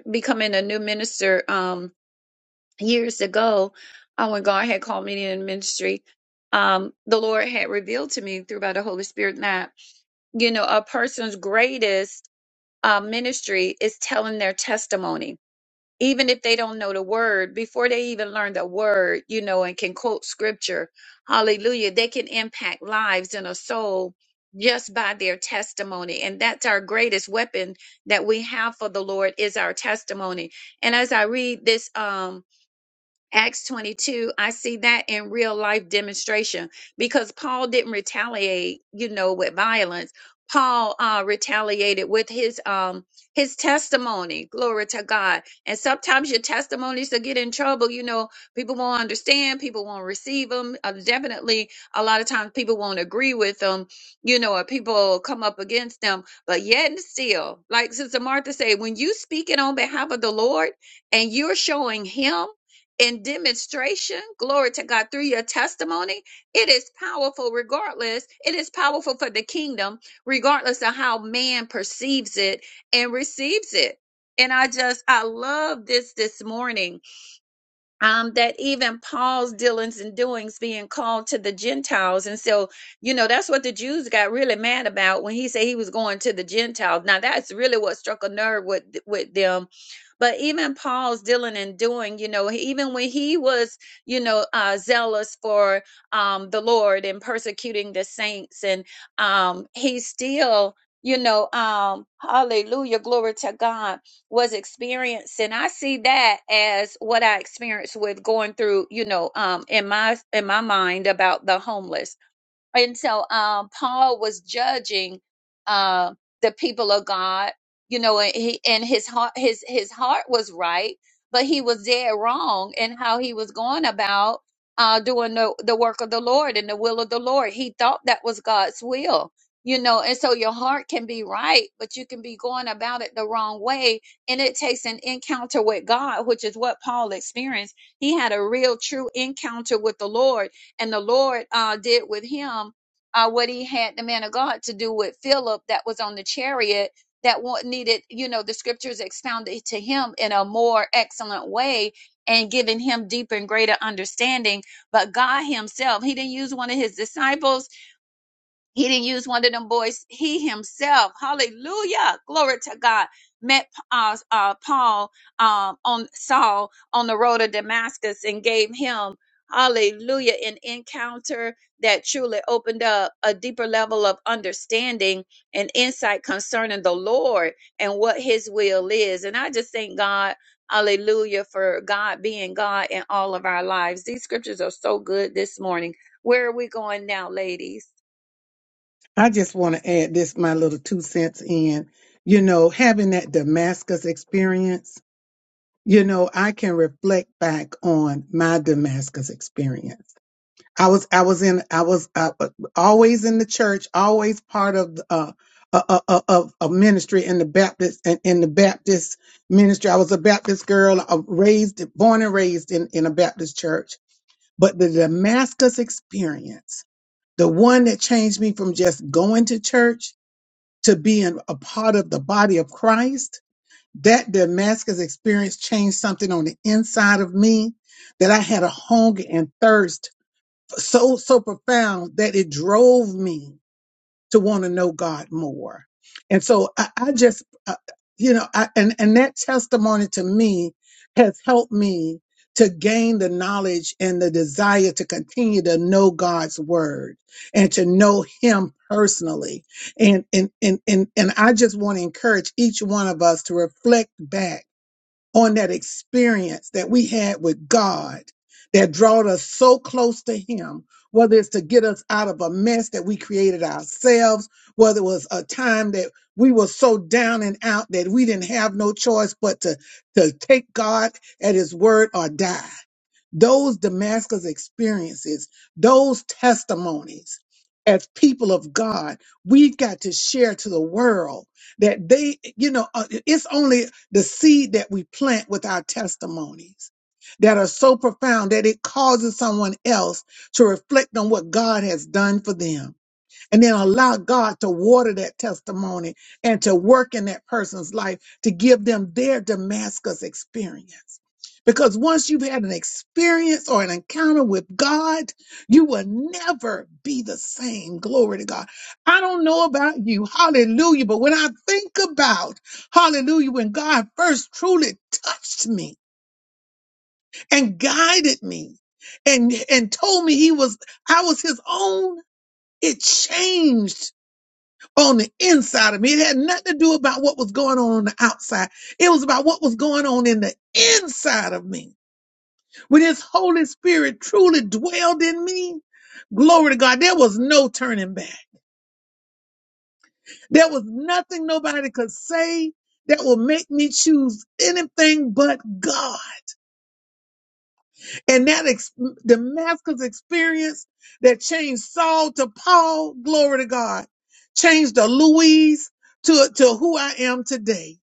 Speaker 2: becoming a new minister um. years ago, uh, when God had called me in ministry, um, the Lord had revealed to me through by the Holy Spirit that, you know, a person's greatest uh, ministry is telling their testimony. Even if they don't know the word, before they even learn the word, you know, and can quote scripture, hallelujah, they can impact lives and a soul just by their testimony. And that's our greatest weapon that we have for the Lord is our testimony. And as I read this, um, Acts 22, I see that in real life demonstration because Paul didn't retaliate, you know, with violence. Paul uh, retaliated with his um his testimony. Glory to God. And sometimes your testimonies will get in trouble. You know, people won't understand. People won't receive them. Uh, definitely, a lot of times people won't agree with them. You know, or people come up against them. But yet and still, like Sister Martha said, when you speaking on behalf of the Lord and you're showing Him in demonstration, glory to God, through your testimony, it is powerful regardless. It is powerful for the kingdom, regardless of how man perceives it and receives it. And I just, I love this this morning um, that even Paul's dealings and doings being called to the Gentiles. And so, you know, that's what the Jews got really mad about when he said he was going to the Gentiles. Now, that's really what struck a nerve with, with them. But even Paul's dealing and doing, you know, he- even when he was, you know, uh, zealous for um, the Lord and persecuting the saints, and um, he still, you know, um, hallelujah, glory to God was experiencing i see that as what i experienced with going through you know um in my in my mind about the homeless and so um, Paul was judging uh, the people of God, you know, and, he, and his heart, his his heart was right, but he was dead wrong in how he was going about uh, doing the the work of the Lord and the will of the Lord. He thought that was God's will, you know. And so your heart can be right, but you can be going about it the wrong way, and it takes an encounter with God, which is what Paul experienced. He had a real, true encounter with the Lord and the Lord uh, did with him uh, what he had the man of God to do with Philip that was on the chariot that wa- needed, you know, the scriptures expounded to him in a more excellent way and giving him deeper and greater understanding. But God himself, he didn't use one of his disciples he didn't use one of them boys. He himself, hallelujah, glory to God, met uh, uh, Paul um, on Saul on the road to Damascus and gave him, hallelujah, an encounter that truly opened up a deeper level of understanding and insight concerning the Lord and what His will is. And I just thank God, hallelujah, for God being God in all of our lives. These scriptures are so good this morning. Where are we going now, ladies?
Speaker 1: I just want to add this, my little two cents in. You know, having that Damascus experience, you know, I can reflect back on my Damascus experience. I was, I was in, I was uh, uh, always in the church, always part of, uh, a, a, a, of a ministry in the Baptist in, in the Baptist ministry. I was a Baptist girl, uh, raised, born and raised in, in a Baptist church But the Damascus experience, the one that changed me from just going to church to being a part of the body of Christ, that Damascus experience changed something on the inside of me that I had a hunger and thirst so so profound that it drove me to want to know God more. And so I, I just, uh, you know, I, and, and that testimony to me has helped me to gain the knowledge and the desire to continue to know God's word and to know him personally. And, and, and, and, and I just want to encourage each one of us to reflect back on that experience that we had with God that brought us so close to Him, whether it's to get us out of a mess that we created ourselves, whether it was a time that we were so down and out that we didn't have no choice but to, to take God at His word or die those Damascus experiences, those testimonies as people of God, we've got to share to the world that they, you know, uh, it's only the seed that we plant with our testimonies that are so profound that it causes someone else to reflect on what God has done for them and then allow God to water that testimony and to work in that person's life to give them their Damascus experience. Because once you've had an experience or an encounter with God, you will never be the same. Glory to God. I don't know about you. Hallelujah. But when I think about hallelujah, when God first truly touched me and guided me and, and told me he was, I was his own, it changed on the inside of me. It had nothing to do about what was going on on the outside. It was about what was going on in the inside of me. When his Holy Spirit truly dwelled in me, glory to God, there was no turning back. There was nothing nobody could say that will make me choose anything but God. And that ex- Damascus experience that changed Saul to Paul, glory to God, changed the Louise to, to who I am today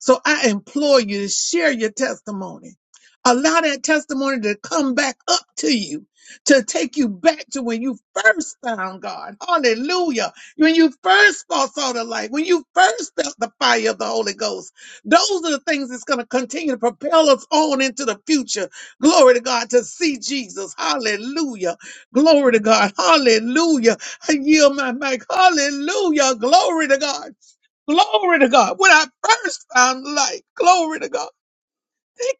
Speaker 1: So I implore you to share your testimony. Allow that testimony to come back up to you, to take you back to when you first found God. Hallelujah. When you first first saw the light, when you first felt the fire of the Holy Ghost. Those are the things that's going to continue to propel us on into the future. Glory to God to see Jesus. Hallelujah. Glory to God. Hallelujah. I yield my mic. Hallelujah. Glory to God. Glory to God. When I first found life, glory to God. Thank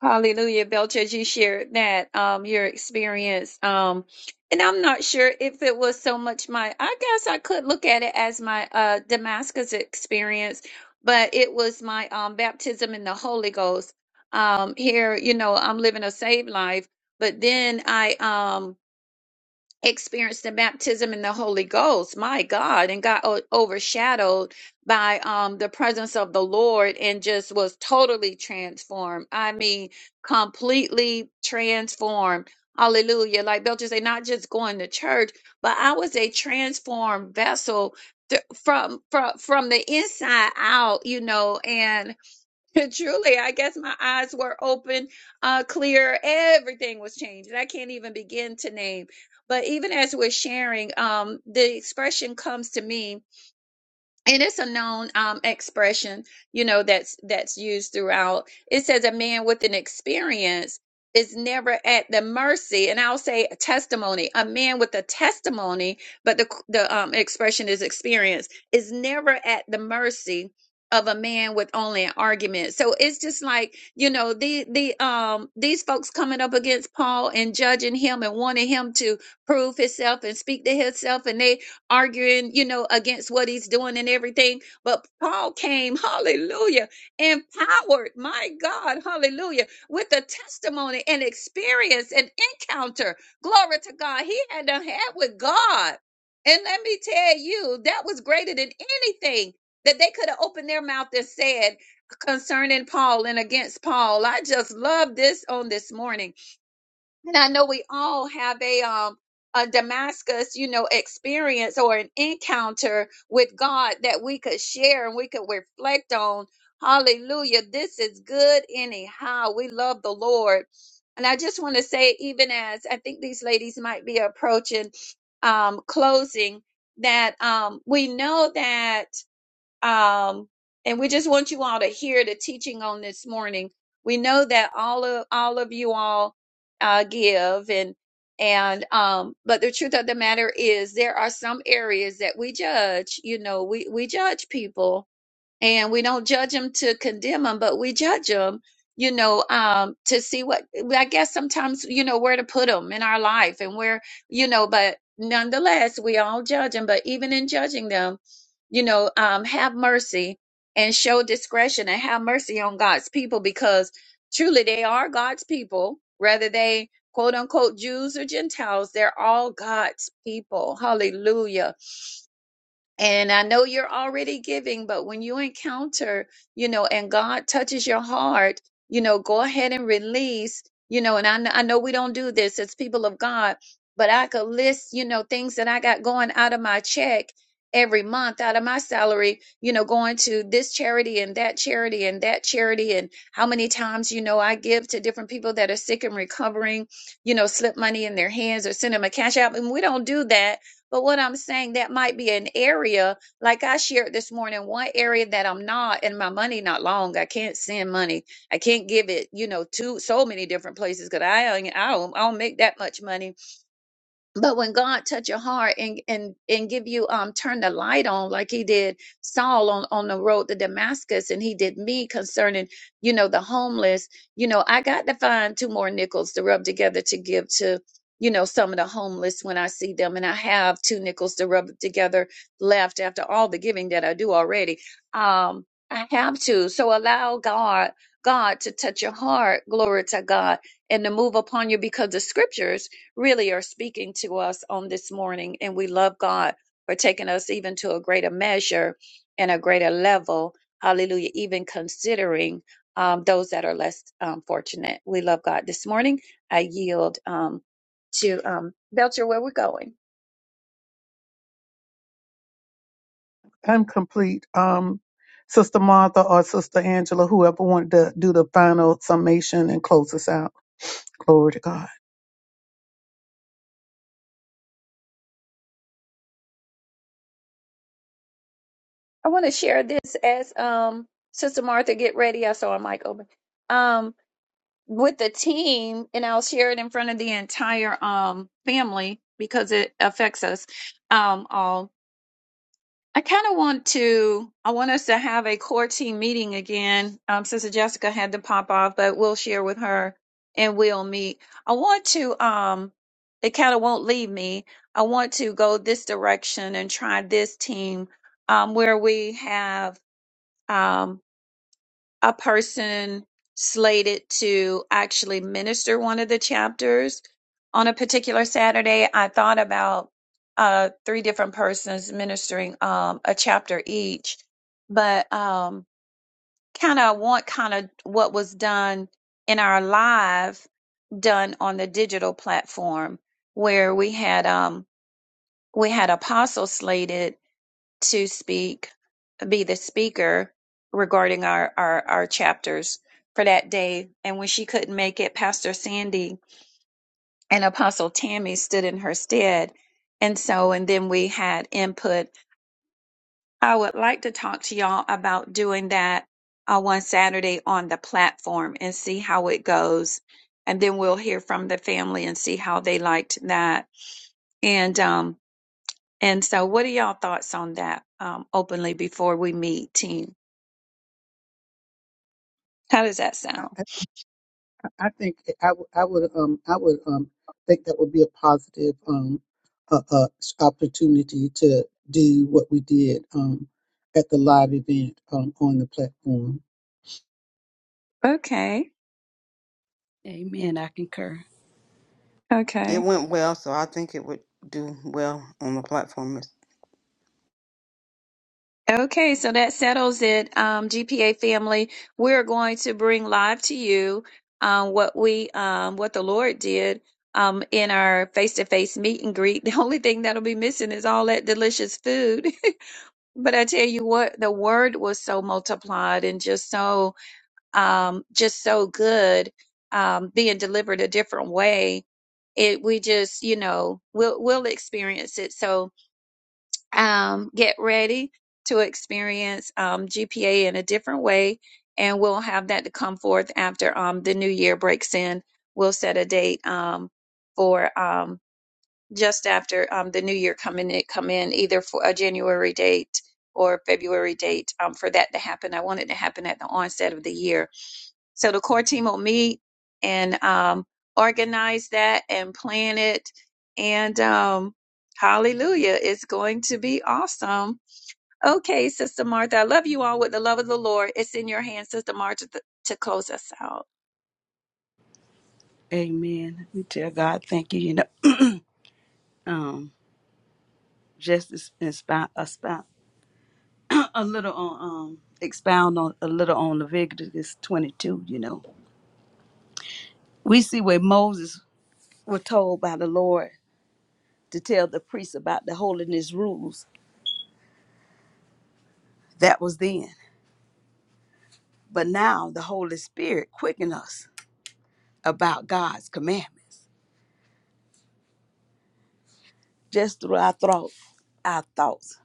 Speaker 2: Hallelujah, Belcher. You shared that um your experience. Um, and I'm not sure if it was so much my. I guess I could look at it as my uh Damascus experience, but it was my um baptism in the Holy Ghost. Um, here, you know, I'm living a saved life, but then I um experienced the baptism in the Holy Ghost, my God, and got o- overshadowed by um the presence of the Lord and just was totally transformed. I mean, completely transformed. Hallelujah. Like Belcher say, not just going to church, but I was a transformed vessel th- from from from the inside out, you know, and Truly, I guess my eyes were open, uh, clear. Everything was changed. And I can't even begin to name. But even as we're sharing, um, the expression comes to me and it's a known um, expression you know that's that's used throughout it says a man with an experience is never at the mercy and i'll say a testimony a man with a testimony but the the um, expression is experience is never at the mercy of a man with only an argument so it's just like you know the the um these folks coming up against paul and judging him and wanting him to prove himself and speak to himself and they arguing, you know, against what he's doing and everything. But Paul came, hallelujah, empowered, my God, hallelujah, with a testimony and experience and encounter. Glory to God. He had a had with God. And let me tell you, that was greater than anything that they could have opened their mouth and said concerning Paul and against Paul. I just love this on this morning and I know we all have a um a Damascus, you know, experience or an encounter with God that we could share and we could reflect on. Hallelujah. This is good anyhow. We love the Lord. And I just want to say, even as I think these ladies might be approaching um closing, that um we know that um, and we just want you all to hear the teaching on this morning. We know that all of all of you all uh, give and and um, but the truth of the matter is there are some areas that we judge. You know, we we judge people and we don't judge them to condemn them, but we judge them, you know, um, to see what I guess sometimes you know where to put them in our life and where you know, but nonetheless, we all judge them. But even in judging them, you know, um, have mercy and show discretion and have mercy on God's people because truly they are God's people, whether they quote unquote Jews or Gentiles, they're all God's people. Hallelujah and I know you're already giving, but when you encounter, you know, and God touches your heart, you know, go ahead and release, you know, and I, kn- I know we don't do this as people of God, but I could list, you know, things that I got going out of my check every month out of my salary, you know, going to this charity and that charity and that charity and how many times, you know, I give to different people that are sick and recovering, you know, slip money in their hands or send them a cash out. And we don't do that but what I'm saying, that might be an area, like I shared this morning, one area that I'm not, and my money not long. I can't send money. I can't give it, you know, to so many different places because I, don't- I don't, I don't make that much money but when God touch your heart and and and give you um turn the light on like he did Saul on on the road to Damascus and he did me concerning you know the homeless you know I got to find two more nickels to rub together to give to you know some of the homeless when I see them and I have two nickels to rub together left after all the giving that I do already um I have to so allow God God to touch your heart glory to God and to move upon you because the scriptures really are speaking to us on this morning. And we love God for taking us even to a greater measure and a greater level. Hallelujah. Even considering um, those that are less um, fortunate. We love God. This morning, I yield um, to um, Belcher where we're going.
Speaker 1: I'm complete. Um, Sister Martha or Sister Angela, whoever wanted to do the final summation and close us out. Glory to God.
Speaker 2: I want to share this as um, Sister Martha get ready. I saw a mic open. Um, with the team, and I'll share it in front of the entire um, family because it affects us um, all I kind of want to. I want us to have a core team meeting again. Um, Sister Jessica had to pop off, but we'll share with her and we'll meet. I want to. Um, it kind of won't leave me. I want to go this direction and try this team, um, where we have. um, a person slated to actually minister one of the chapters on a particular Saturday. I thought about uh, three different persons ministering um, a chapter each, but um, kind of want kind of what was done in our live done on the digital platform where we had um we had apostle slated to speak be the speaker regarding our, our, our chapters for that day. And when she couldn't make it, Pastor Sandy and Apostle Tammy stood in her stead. And so, and then we had input. I would like to talk to y'all about doing that uh, one Saturday on the platform and see how it goes. And then we'll hear from the family and see how they liked that. And, um, and so what are y'all thoughts on that, um, openly before we meet team? How does that sound?
Speaker 1: I think I, w- I would um I would um think that would be a positive um uh, uh s- opportunity to do what we did um at the live event um on the platform.
Speaker 2: Okay.
Speaker 3: Amen. I concur.
Speaker 5: It
Speaker 2: Okay.
Speaker 5: went well, so I think it would do well on the platform.
Speaker 2: Okay. So that settles it. Um, GPA family, we're going to bring live to you um, what we, um, what the Lord did um, in our face to face meet and greet. The only thing that'll be missing is all that delicious food. but I tell you what, the word was so multiplied and just so, um, just so good, um, being delivered a different way. It, we just, you know, we'll, we'll experience it. So, um, get ready to experience um, GPA in a different way. And we'll have that to come forth after um, the new year breaks in. We'll set a date um, for um, just after um, the new year coming in, come in, either for a January date or February date um, for that to happen. I want it to happen at the onset of the year so the core team will meet and um, organize that and plan it. And um, hallelujah, it's going to be awesome. Okay, Sister Martha, I love you all with the love of the Lord. It's in your hands, Sister Martha, th- to close us out.
Speaker 3: Amen. We tell God thank you. You know, um, just as- expound, expound a little on, um, expound on a little on Leviticus 22. You know, we see where Moses was told by the Lord. to tell the priest about the holiness rules. That was then. But now the Holy Spirit quicken us about God's commandments just through our thoughts. our thoughts.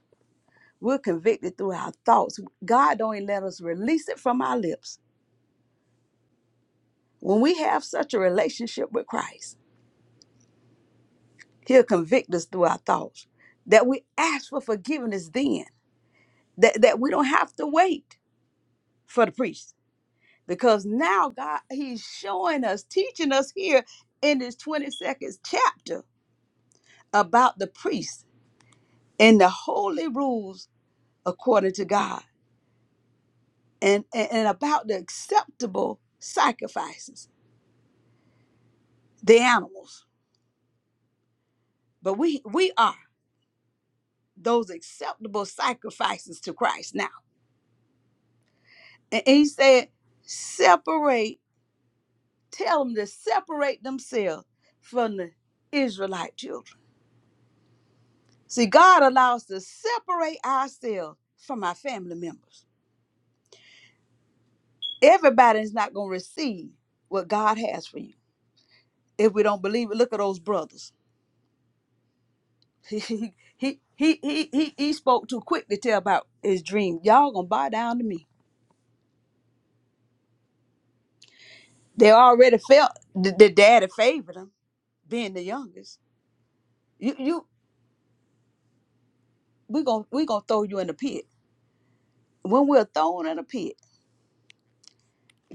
Speaker 3: We're convicted through our thoughts. God don't even let us release it from our lips. When we have such a relationship with Christ, He'll convict us through our thoughts. That we ask for forgiveness then. That, that we don't have to wait for the priest because now God he's showing us teaching us here in this 22nd chapter about the priests and the holy rules according to God and and, and about the acceptable sacrifices the animals but we we are those acceptable sacrifices to Christ now and, and he said separate tell them to separate themselves from the Israelite children See, God allows to separate ourselves from our family members. Everybody is not going to receive what God has for you. If we don't believe it, look at those brothers. He he he he he, he he spoke too quick to tell about his dream. Y'all gonna bow down to me. They already felt the, the daddy favored them, being the youngest. You you we gonna we gonna throw you in the pit. When we're thrown in the pit,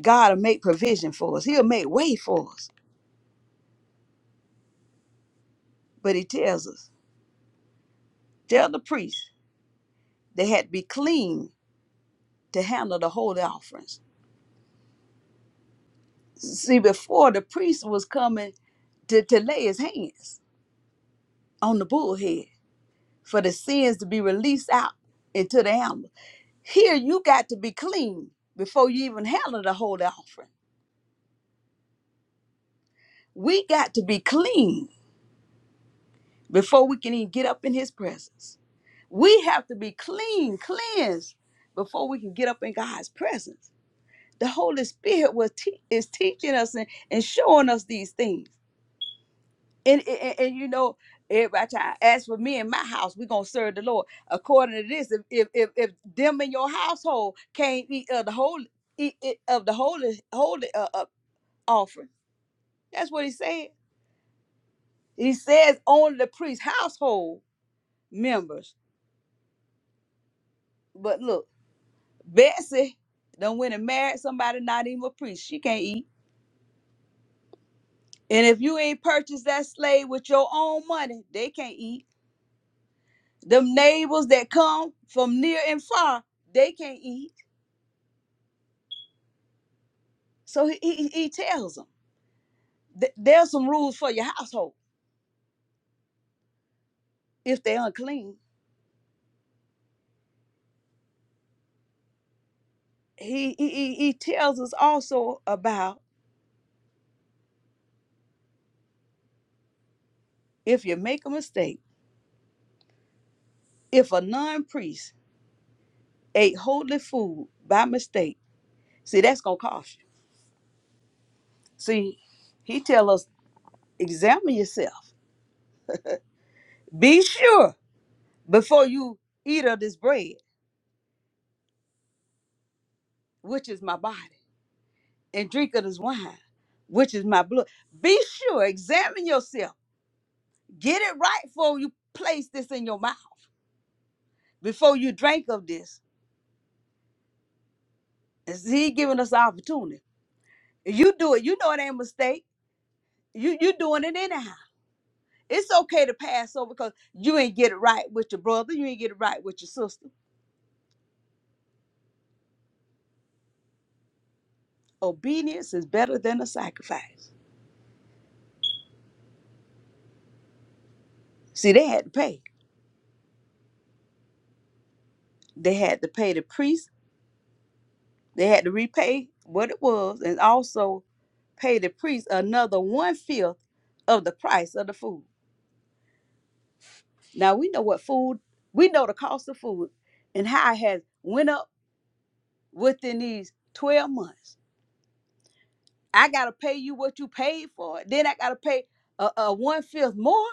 Speaker 3: God will make provision for us. He'll make way for us. But he tells us, tell the priest. They had to be clean to handle the holy offerings. See, before the priest was coming to, to lay his hands on the bull head for the sins to be released out into the animal. Here you got to be clean before you even handle the holy offering. We got to be clean before we can even get up in his presence. We have to be clean, cleansed before we can get up in God's presence. The Holy Spirit will te- is teaching us and, and showing us these things. And, and, and you know, everybody try as for me and my house, we're gonna serve the Lord. According to this, if if if, if them in your household can't eat of the holy eat it- of the holy holy uh, uh, offering, that's what he said. He says only the priest's household members. But look, Betsy done went and married somebody not even a priest. She can't eat. And if you ain't purchased that slave with your own money, they can't eat. Them neighbors that come from near and far, they can't eat So he, he, he tells them th- there's some rules for your household if they're unclean. He, he, he he tells us also about if you make a mistake, if a non priest ate holy food by mistake, see, that's going to cost you. See, he tells us examine yourself. Be sure before you eat of this bread, which is my body, and drink of this wine, which is my blood. Be sure, examine yourself. Get it right before you place this in your mouth. before you drank of this. And he giving us the opportunity. If you do it, you know it ain't a mistake. You you doing it anyhow. It's okay to pass over because you ain't get it right with your brother, you ain't get it right with your sister. Obedience is better than a sacrifice. See, they had to pay. They had to pay the priest, they had to repay what it was, and also pay the priest another one fifth of the price of the food. Now we know what food, we know the cost of food and how it has went up within these 12 months. I gotta pay you what you paid for. Then I gotta pay a, a one fifth more.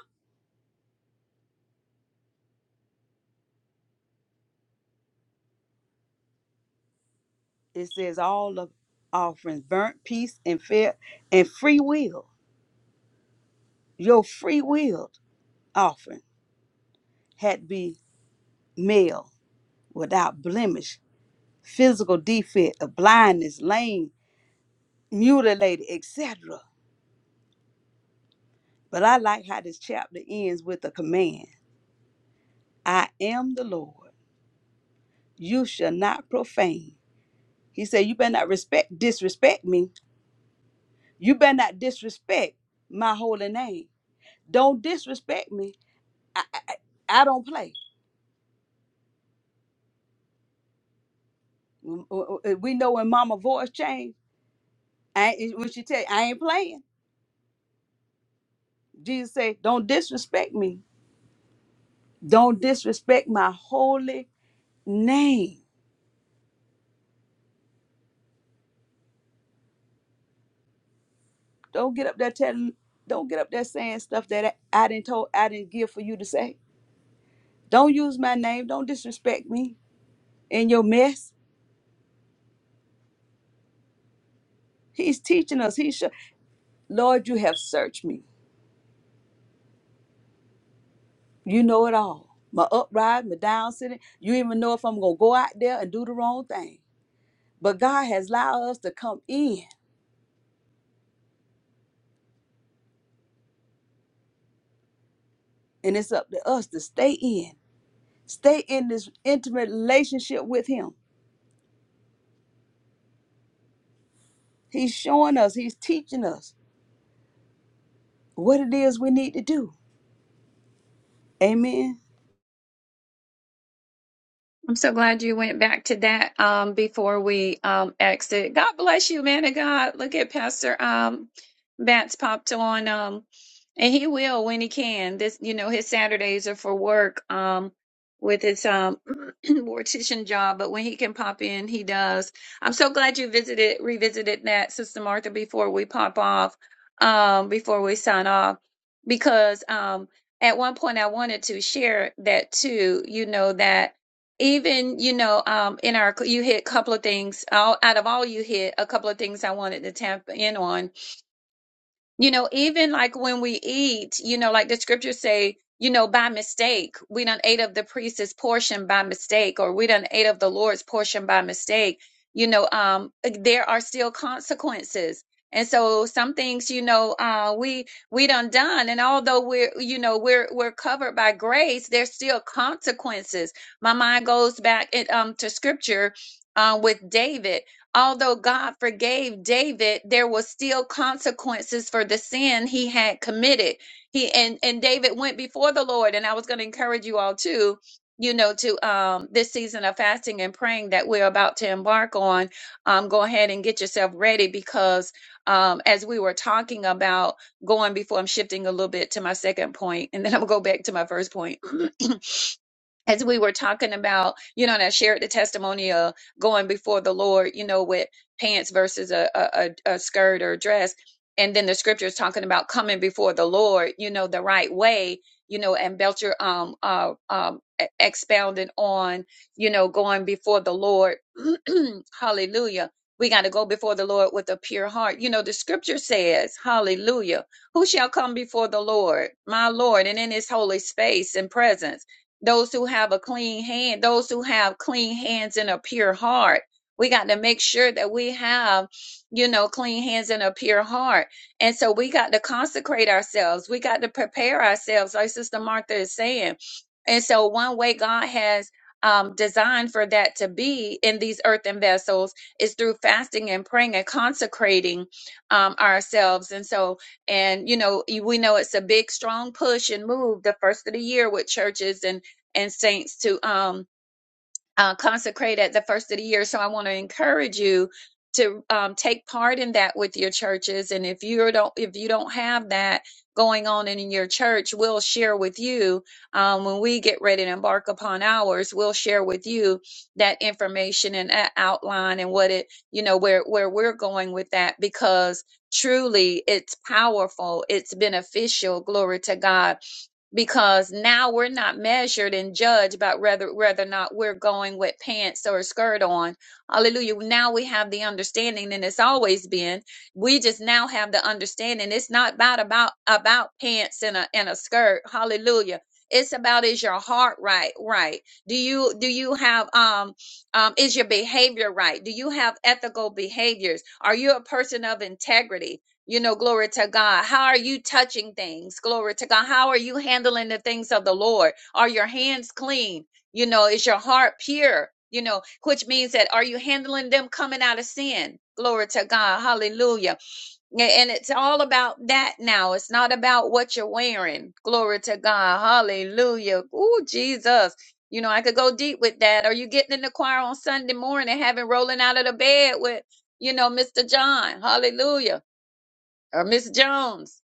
Speaker 3: It says all of offerings, burnt peace and fair and free will. Your free will offering had to be male without blemish, physical defect of blindness, lame, mutilated, etc. But I like how this chapter ends with a command. I am the Lord. You shall not profane. He said, You better not respect disrespect me. You better not disrespect my holy name. Don't disrespect me. I, I, I don't play. Mm, uh, uh, uh, We know when mama voice changed, I ain't, when she tell you, I ain't playing. Jesus said, Don't disrespect me. Don't disrespect my holy name. Don't get up there telling, don't get up there saying stuff that I, I didn't told, I didn't give for you to say. Don't use my name. Don't disrespect me in your mess. He's teaching us. He should, Lord, you have searched me You know it all. My uprising, my down sitting. You even know if I'm gonna go out there and do the wrong thing. But God has allowed us to come in, and it's up to us to stay in, stay in this intimate relationship with Him. He's showing us, He's teaching us what it is we need to do. Amen.
Speaker 2: I'm so glad you went back to that um, before we um, exit. God bless you, man of God. Look at Pastor um, Bats popped on, um, and he will when he can. This, you know, his Saturdays are for work um, with his um, mortician job, but when he can pop in, he does. I'm so glad you visited, revisited that, Sister Martha, before we pop off, um, before we sign off, because um, at one point I wanted to share that too. You know that even you know um in our you hit a couple of things out, out of all you hit a couple of things i wanted to tap in on you know, even like when we eat, you know, like the scriptures say, you know, by mistake, we done ate of the priest's portion by mistake, or we done ate of the Lord's portion by mistake. You know, um, there are still consequences. And so some things, you know, uh, we we done done, and although we're, you know, we're we're covered by grace, there's still consequences. My mind goes back it, um, to scripture uh, with David. Although God forgave David, there was still consequences for the sin he had committed. He and and David went before the Lord, and I was going to encourage you all too, you know, to um this season of fasting and praying that we're about to embark on. Um, go ahead and get yourself ready because um as we were talking about going before, I'm shifting a little bit to my second point, and then I'm gonna go back to my first point. as we were talking about, you know, and I shared the testimony of going before the Lord, you know, with pants versus a, a, a a skirt or dress. And then the scripture is talking about coming before the Lord, you know, the right way, you know, and Belcher um, uh, um, e- expounded on, you know, going before the Lord. hallelujah. We got to go before the Lord with a pure heart. You know, the scripture says, hallelujah, who shall come before the Lord, my Lord, and in his holy space and presence? those who have a clean hand, those who have clean hands and a pure heart. We got to make sure that we have, you know, clean hands and a pure heart. And so we got to consecrate ourselves. We got to prepare ourselves, like Sister Martha is saying. And so, one way God has um, designed for that to be in these earthen vessels is through fasting and praying and consecrating um, ourselves. And so, and you know, y- we know it's a big, strong push and move the first of the year with churches and and saints to um, uh, consecrate at the first of the year. So I want to encourage you to um, take part in that with your churches. And if you don't, if you don't have that going on in your church, we'll share with you um, when we get ready to embark upon ours. We'll share with you that information and that outline and what it, you know, where where we're going with that because truly it's powerful, it's beneficial. Glory to God because now we're not measured and judged about whether whether or not we're going with pants or a skirt on. Hallelujah. Now we have the understanding and it's always been. We just now have the understanding. It's not about about about pants and a and a skirt. Hallelujah. It's about is your heart right? Right. Do you do you have um um is your behavior right? Do you have ethical behaviors? Are you a person of integrity? You know, glory to God. How are you touching things? Glory to God. How are you handling the things of the Lord? Are your hands clean? You know, is your heart pure? You know, which means that are you handling them coming out of sin? Glory to God. Hallelujah. A- And it's all about that now. It's not about what you're wearing. Glory to God. Hallelujah. Ooh, Jesus. You know, I could go deep with that. Are you getting in the choir on Sunday morning, having rolling out of the bed with, you know, Mr. John? Hallelujah or Miss Jones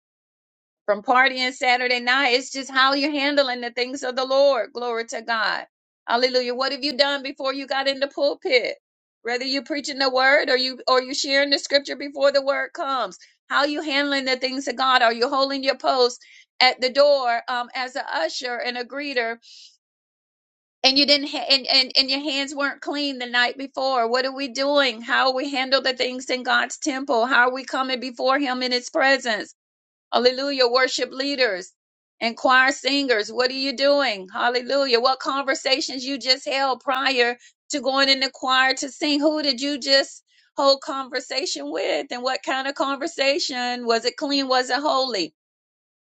Speaker 2: from partying Saturday night. It's just how you're handling the things of the Lord. Glory to God. Hallelujah. What have you done before you got in the pulpit? Whether you preaching the word or you or you sharing the scripture before the word comes. How you handling the things of God? Are you holding your post at the door um, as an usher and a greeter and you didn't ha- and, and and your hands weren't clean the night before what are we doing how we handle the things in god's temple how are we coming before him in his presence Hallelujah. Worship leaders and choir singers. What are you doing? Hallelujah. What conversations you just held prior to going in the choir to sing? Who did you just hold conversation with? And what kind of conversation? Was it clean? Was it holy?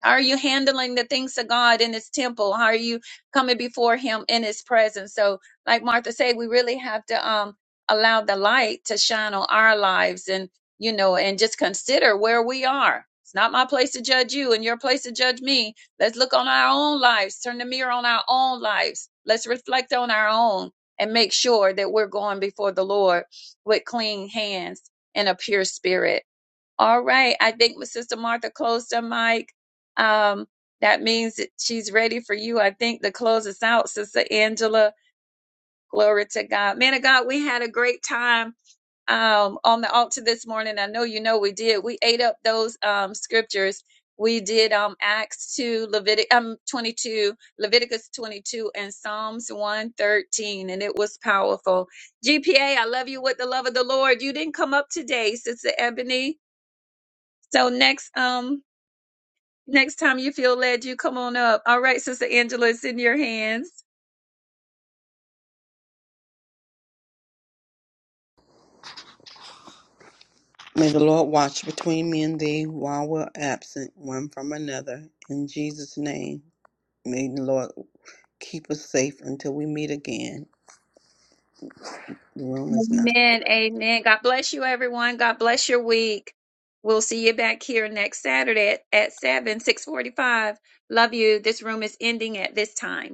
Speaker 2: How are you handling the things of God in his temple? How are you coming before him in his presence? So, like Martha said, we really have to um allow the light to shine on our lives and you know, and just consider where we are. It's not my place to judge you and your place to judge me. Let's look on our own lives, turn the mirror on our own lives. Let's reflect on our own and make sure that we're going before the Lord with clean hands and a pure spirit. All right. I think Sister Martha closed her mic. Um, that means that she's ready for you, I think, to close us out, Sister Angela. Glory to God. Man of God, we had a great time um, on the altar this morning. I know you know we did. We ate up those um, scriptures. We did um, Acts 2, Levitic, um, 22, Leviticus 22, and Psalms 113, and it was powerful. GPA, I love you with the love of the Lord. You didn't come up today, Sister Ebony. So next um next time you feel led, you come on up. All right, Sister Angela, it's in your hands.
Speaker 5: May the Lord watch between me and thee while we're absent one from another. In Jesus' name, may the Lord keep us safe until we meet again. The room is now.
Speaker 2: Amen. Amen. God bless you, everyone. God bless your week. We'll see you back here next Saturday at, at 7, 645. Love you. This room is ending at this time.